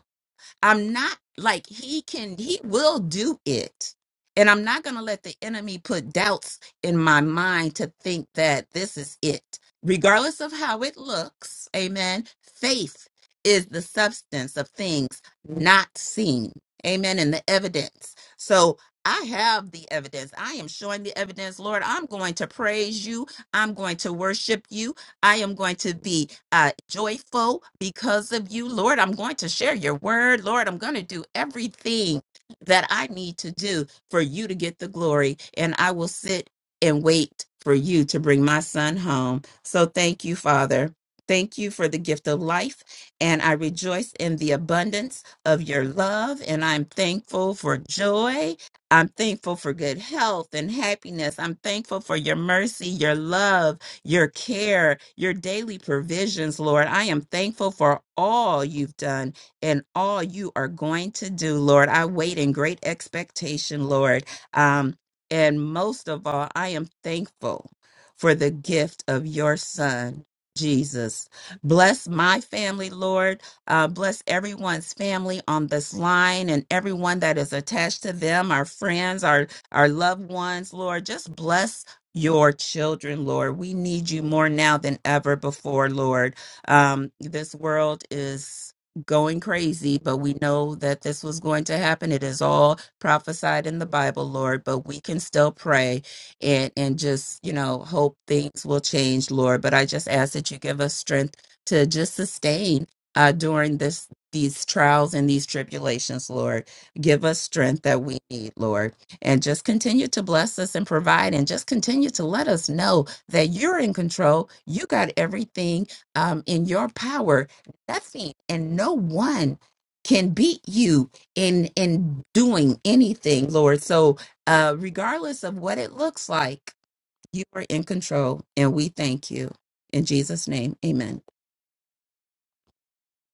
Speaker 3: I'm not like he can, he will do it. And I'm not going to let the enemy put doubts in my mind to think that this is it. Regardless of how it looks, amen. Faith is the substance of things not seen, amen, and the evidence. So I have the evidence. I am showing the evidence, Lord. I'm going to praise you. I'm going to worship you. I am going to be uh, joyful because of you. Lord, I'm going to share your word. Lord, I'm going to do everything that I need to do for you to get the glory. And I will sit and wait for you to bring my son home. So thank you, Father. Thank you for the gift of life. And I rejoice in the abundance of your love. And I'm thankful for joy. I'm thankful for good health and happiness. I'm thankful for your mercy, your love your care, your daily provisions, Lord. I am thankful for all you've done and all you are going to do, Lord. I wait in great expectation, Lord. Um, and most of all, I am thankful for the gift of your son. Jesus, bless my family, Lord. Uh, bless everyone's family on this line and everyone that is attached to them, our friends, our our loved ones, Lord. Just bless your children, Lord. We need you more now than ever before, Lord. Um, this world is going crazy, but we know that this was going to happen. It is all prophesied in the Bible, Lord, but we can still pray and, and just, you know, hope things will change, Lord. But I just ask that you give us strength to just sustain uh, during this these trials and these tribulations, Lord. Give us strength that we need, Lord and just continue to bless us and provide and just continue to let us know that you're in control. You got everything um, in your power. Nothing and no one can beat you in in doing anything, Lord. So uh, regardless of what it looks like, you are in control, and we thank you in Jesus' name. Amen.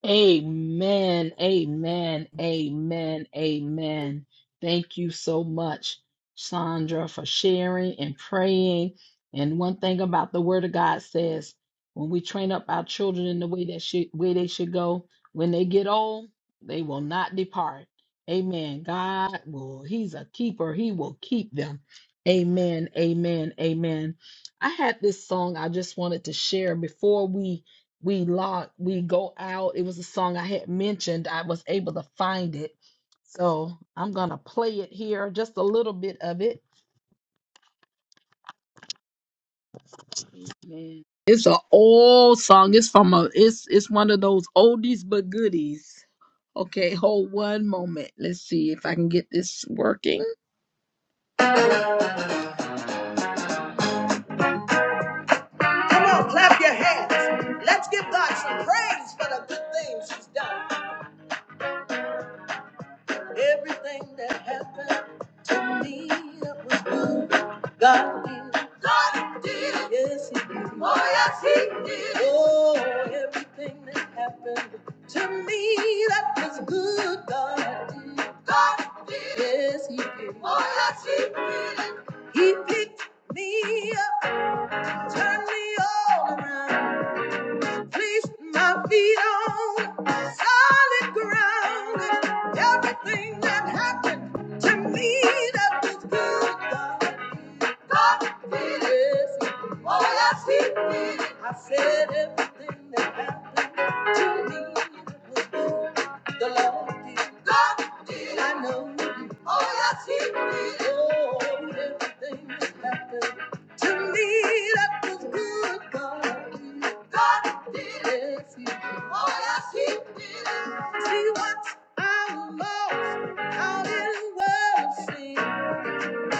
Speaker 1: Amen. Amen. Amen. Amen. Thank you so much, Sandra, for sharing and praying. And one thing about the Word of God says, when we train up our children in the way that should, way they should go, when they get old, they will not depart. Amen. God will. He's a keeper. He will keep them. Amen. Amen. Amen. I had this song I just wanted to share before we we lock we go out it was a song i had mentioned i was able to find it so i'm gonna play it here just a little bit of it Amen. it's an old song it's from a it's it's one of those oldies but goodies okay hold one moment let's see if i can get this working come on clap your hands let's give god some praise for the good things he's done everything that happened God did. God did. Yes, he did. Oh, yes, he did. Oh, everything that happened to me that was good, God did. God did. Oh, Yes, he did. Oh, yes, he did. He picked me up, turned me all around. Place my feet on solid ground. Everything that happened to me that was good, God did it. Oh, yes, He did it. I said everything that happened to me was good. The Lord did. God did. I know. Oh, yes, He did. Oh, everything that happened. To me, that was good, God. did it. God did it. Oh, yes, He did it. See what I lost out in the world.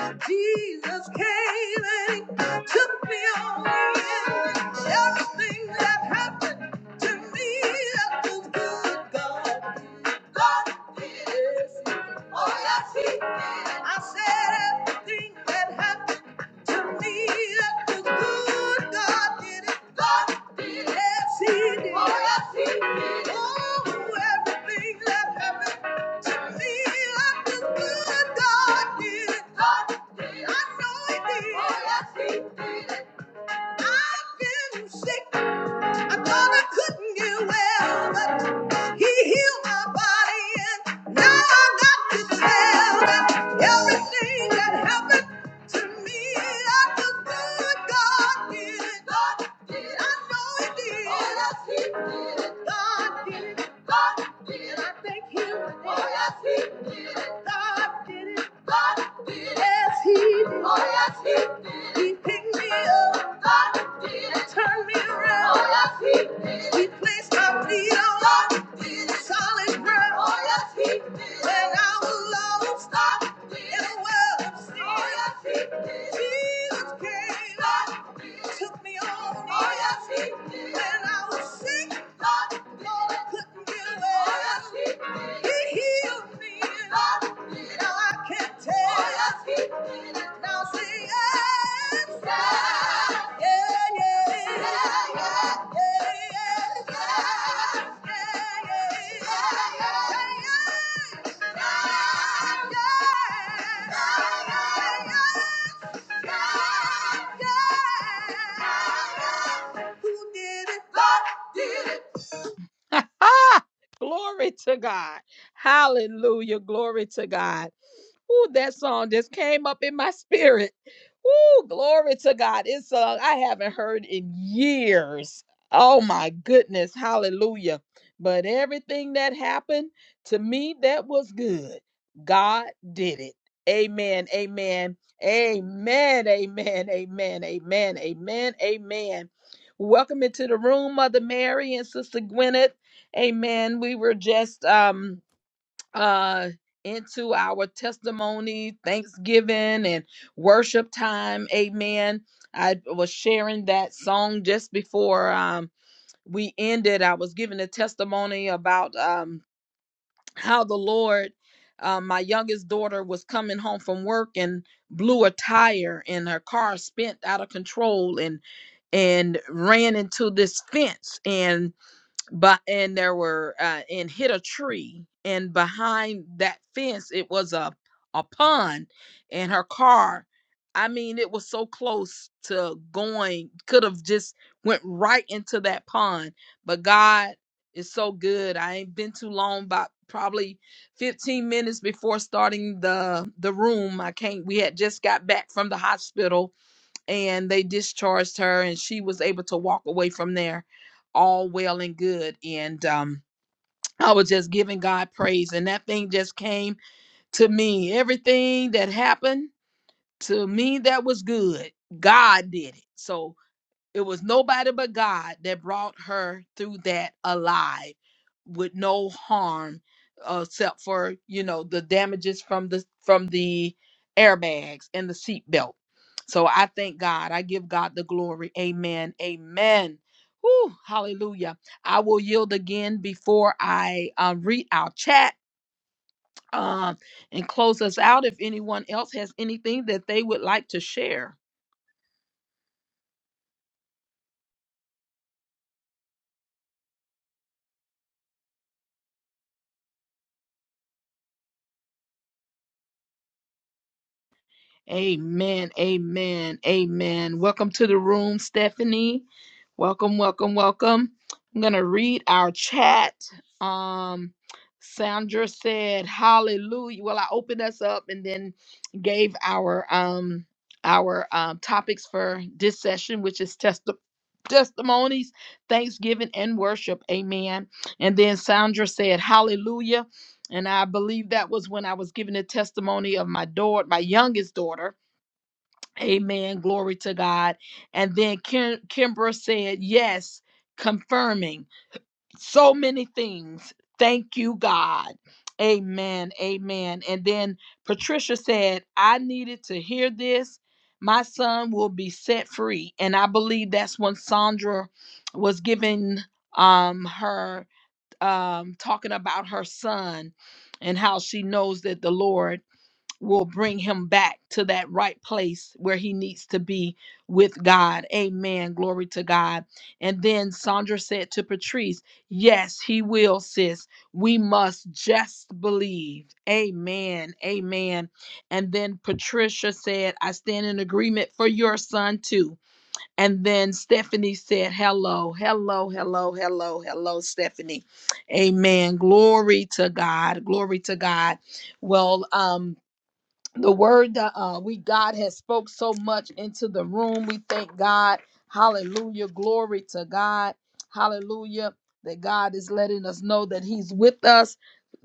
Speaker 1: See, Jesus came and He took me on in. Everything that happened to me, that was good, God. did it. God did it. Oh, yes, He did it. I said everything that happened. To me, that the good God did it, Lord, did, yes He did. Oh, everything that happened to me, that the good God did it, Lord, did. I know He did. I've been sick. I thought I couldn't get well, but He healed my body, and now I got to tell that everything that happened to me, I just good God did it. I know He did. Oh, yes, He did. God did it. God did it. I thank Him. Oh, yes, He did it. God did it. God did it. Yes, He did. Oh, yes, He did. He picked me up. God did it. Turned me around. Oh, yes, we placed our feet on solid ground. Oh, yes, When our load stopped in a world of sin. Oh, yes, Jesus came and took me on. Oh, in. yes, When I was sick. Yeah. yeah, yeah, yeah, yeah, yeah. Who did it? God did it. glory to God. Hallelujah. Glory to God. Ooh, that song just came up in my spirit. Ooh, glory to God. It's I I haven't heard in years. Oh my goodness. Hallelujah. But everything that happened to me that was good. God did it. Amen. Amen. Amen. Amen. Amen. Amen. Amen. Amen. Welcome into the room, Mother Mary and Sister Gwyneth. Amen. We were just um uh into our testimony, thanksgiving, and worship time. Amen. I was sharing that song just before um we ended. I was giving a testimony about um how the Lord um, my youngest daughter was coming home from work and blew a tire and her car spent out of control and and ran into this fence and but and there were uh, and hit a tree and behind that fence it was a a pond and her car i mean it was so close to going could have just went right into that pond but god is so good i ain't been too long about probably 15 minutes before starting the the room i can't we had just got back from the hospital and they discharged her and she was able to walk away from there all well and good and um I was just giving God praise and that thing just came to me everything that happened to me that was good God did it so it was nobody but God that brought her through that alive with no harm uh, except for, you know, the damages from the from the airbags and the seatbelt. So I thank God. I give God the glory. Amen. Amen. Whew, hallelujah. I will yield again before I uh, read our chat um, and close us out if anyone else has anything that they would like to share. Amen. Amen. Amen. Welcome to the room, Stephanie. Welcome, welcome, welcome. I'm going to read our chat. Um Sandra said, "Hallelujah." Well, I opened us up and then gave our um our um topics for this session, which is test testimonies, thanksgiving and worship. Amen. And then Sandra said, "Hallelujah." And I believe that was when I was giving a testimony of my daughter, my youngest daughter Amen. Glory to God. And then Kim, Kimbra said, Yes, confirming so many things. Thank you, God. Amen. Amen. And then Patricia said, I needed to hear this. My son will be set free. And I believe that's when Sandra was giving um her um talking about her son and how she knows that the Lord will bring him back to that right place where he needs to be with God. Amen. Glory to God. And then Sandra said to Patrice, Yes, he will, sis. We must just believe. Amen. Amen. And then Patricia said, I stand in agreement for your son too. And then Stephanie said, Hello, hello, hello, hello, hello, Stephanie. Amen. Glory to God. Glory to God. Well, um, the word that uh, we God has spoke so much into the room. We thank God. Hallelujah. Glory to God. Hallelujah. That God is letting us know that He's with us.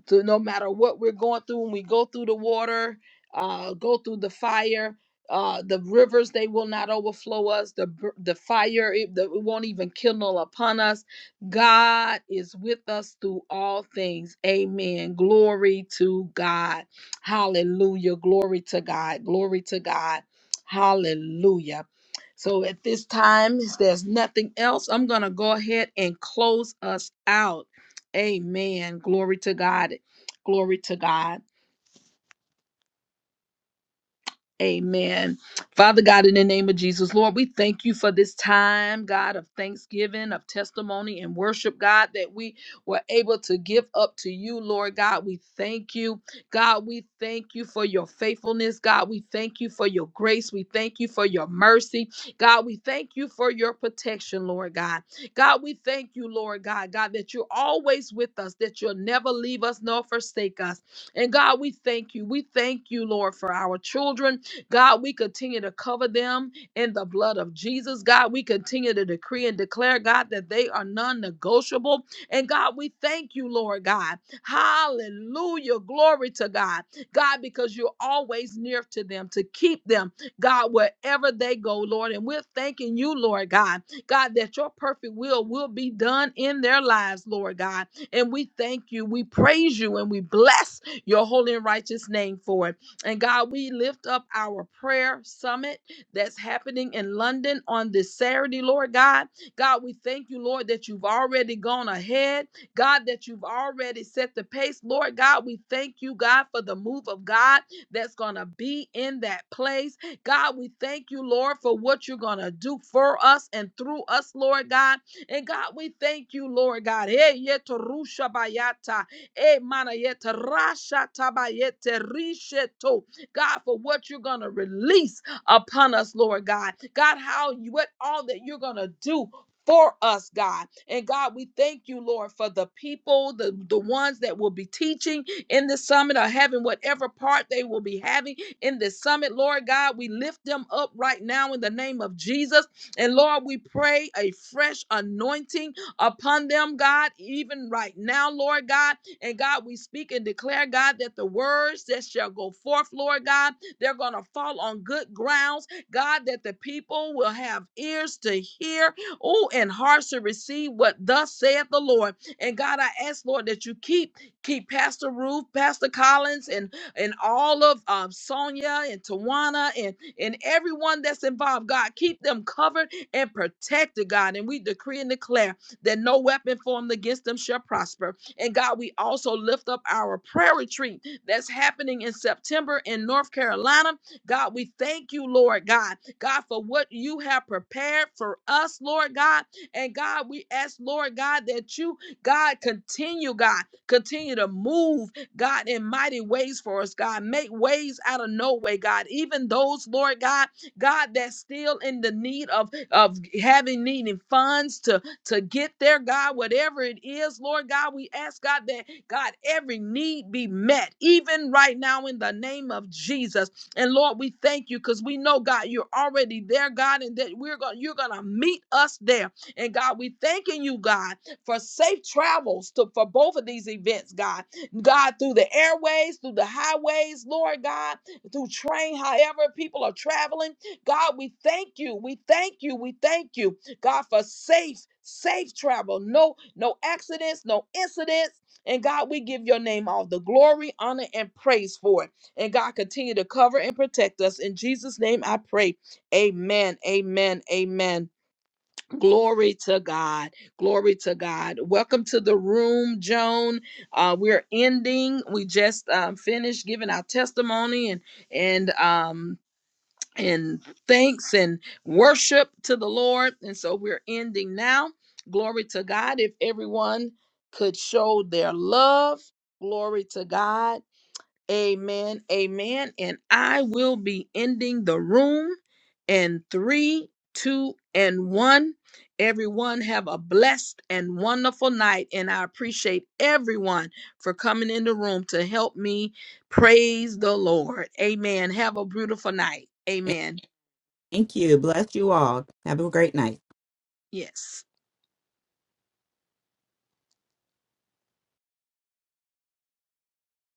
Speaker 1: So no matter what we're going through, when we go through the water, uh, go through the fire, uh, the rivers they will not overflow us. The br- the fire it, the, it won't even kindle upon us. God is with us through all things. Amen. Glory to God. Hallelujah. Glory to God. Glory to God. Hallelujah. So at this time, if there's nothing else, I'm gonna go ahead and close us out. Amen. Glory to God. Glory to God. Amen. Father God, in the name of Jesus, Lord, we thank you for this time, God, of thanksgiving, of testimony and worship, God, that we were able to give up to you, Lord God. We thank you. God, we thank you for your faithfulness. God, we thank you for your grace. We thank you for your mercy. God, we thank you for your protection, Lord God. God, we thank you, Lord God, God, that you're always with us, that you'll never leave us nor forsake us. And God, we thank you. We thank you, Lord, for our children. God, we continue to cover them in the blood of Jesus. God, we continue to decree and declare, God, that they are non negotiable. And God, we thank you, Lord God. Hallelujah. Glory to God. God, because you're always near to them to keep them, God, wherever they go, Lord. And we're thanking you, Lord God, God, that your perfect will will be done in their lives, Lord God. And we thank you. We praise you and we bless your holy and righteous name for it. And God, we lift up our prayer summit that's happening in London on this Saturday, Lord God. God, we thank you, Lord, that you've already gone ahead. God, that you've already set the pace. Lord God, we thank you, God, for the move of God that's going to be in that place. God, we thank you, Lord, for what you're going to do for us and through us, Lord God. And God, we thank you, Lord God. Hey, yetarusha bayata. Eh, manayete rasha tabayete risheto. God, for what you're going to release upon us, Lord God. God, how you, what all that you're going to do for us, God. And God, we thank you, Lord, for the people, the, the ones that will be teaching in this summit or having whatever part they will be having in this summit, Lord God. We lift them up right now in the name of Jesus. And Lord, we pray a fresh anointing upon them, God, even right now, Lord God and God, we speak and declare, God, that the words that shall go forth, Lord God, they're going to fall on good grounds. God, that the people will have ears to hear, oh, and hearts to receive what thus saith the Lord. And God, I ask, Lord, that you keep keep Pastor Ruth, Pastor Collins, and and all of um, Sonia and Tawana and and everyone that's involved. God, keep them covered and protected, God. And we decree and declare that no weapon formed against them shall prosper and God, we also lift up our prayer retreat that's happening in September in North Carolina. God, we thank you, Lord God, God, for what you have prepared for us, Lord God. And God, we ask, Lord God, that you, God, continue, God, continue to move, God, in mighty ways for us, God. Make ways out of no way, God. Even those, Lord God, God, that's still in the need of, of having needing funds to to get there, God, whatever it is, Lord God, we ask God that, God, every need be met, even right now in the name of Jesus. And Lord, we thank you because we know, God, you're already there, God, and that we're going, you're going to meet us there. And God, we thanking you, God, for safe travels to, for both of these events, God. God, through the airways, through the highways, Lord God, through train, however people are traveling. God, we thank you. We thank you. We thank you. God, for safe, safe travel. No, no accidents, no incidents. And God, we give your name all the glory, honor, and praise for it. And God, continue to cover and protect us. In Jesus' name I pray. Amen. Amen. Amen. Glory to God. Glory to God. Welcome to the room, Joan. Uh, we're ending. We just um, finished giving our testimony and and um, and thanks and worship to the Lord. And so we're ending now. Glory to God. If everyone could show their love, glory to God. Amen. Amen. And I will be ending the room in three, two, and one. Everyone have a blessed and wonderful night. And I appreciate everyone for coming in the room to help me praise the Lord. Amen. Have a beautiful night. Amen.
Speaker 3: Thank you. Bless you all. Have a great night.
Speaker 1: Yes.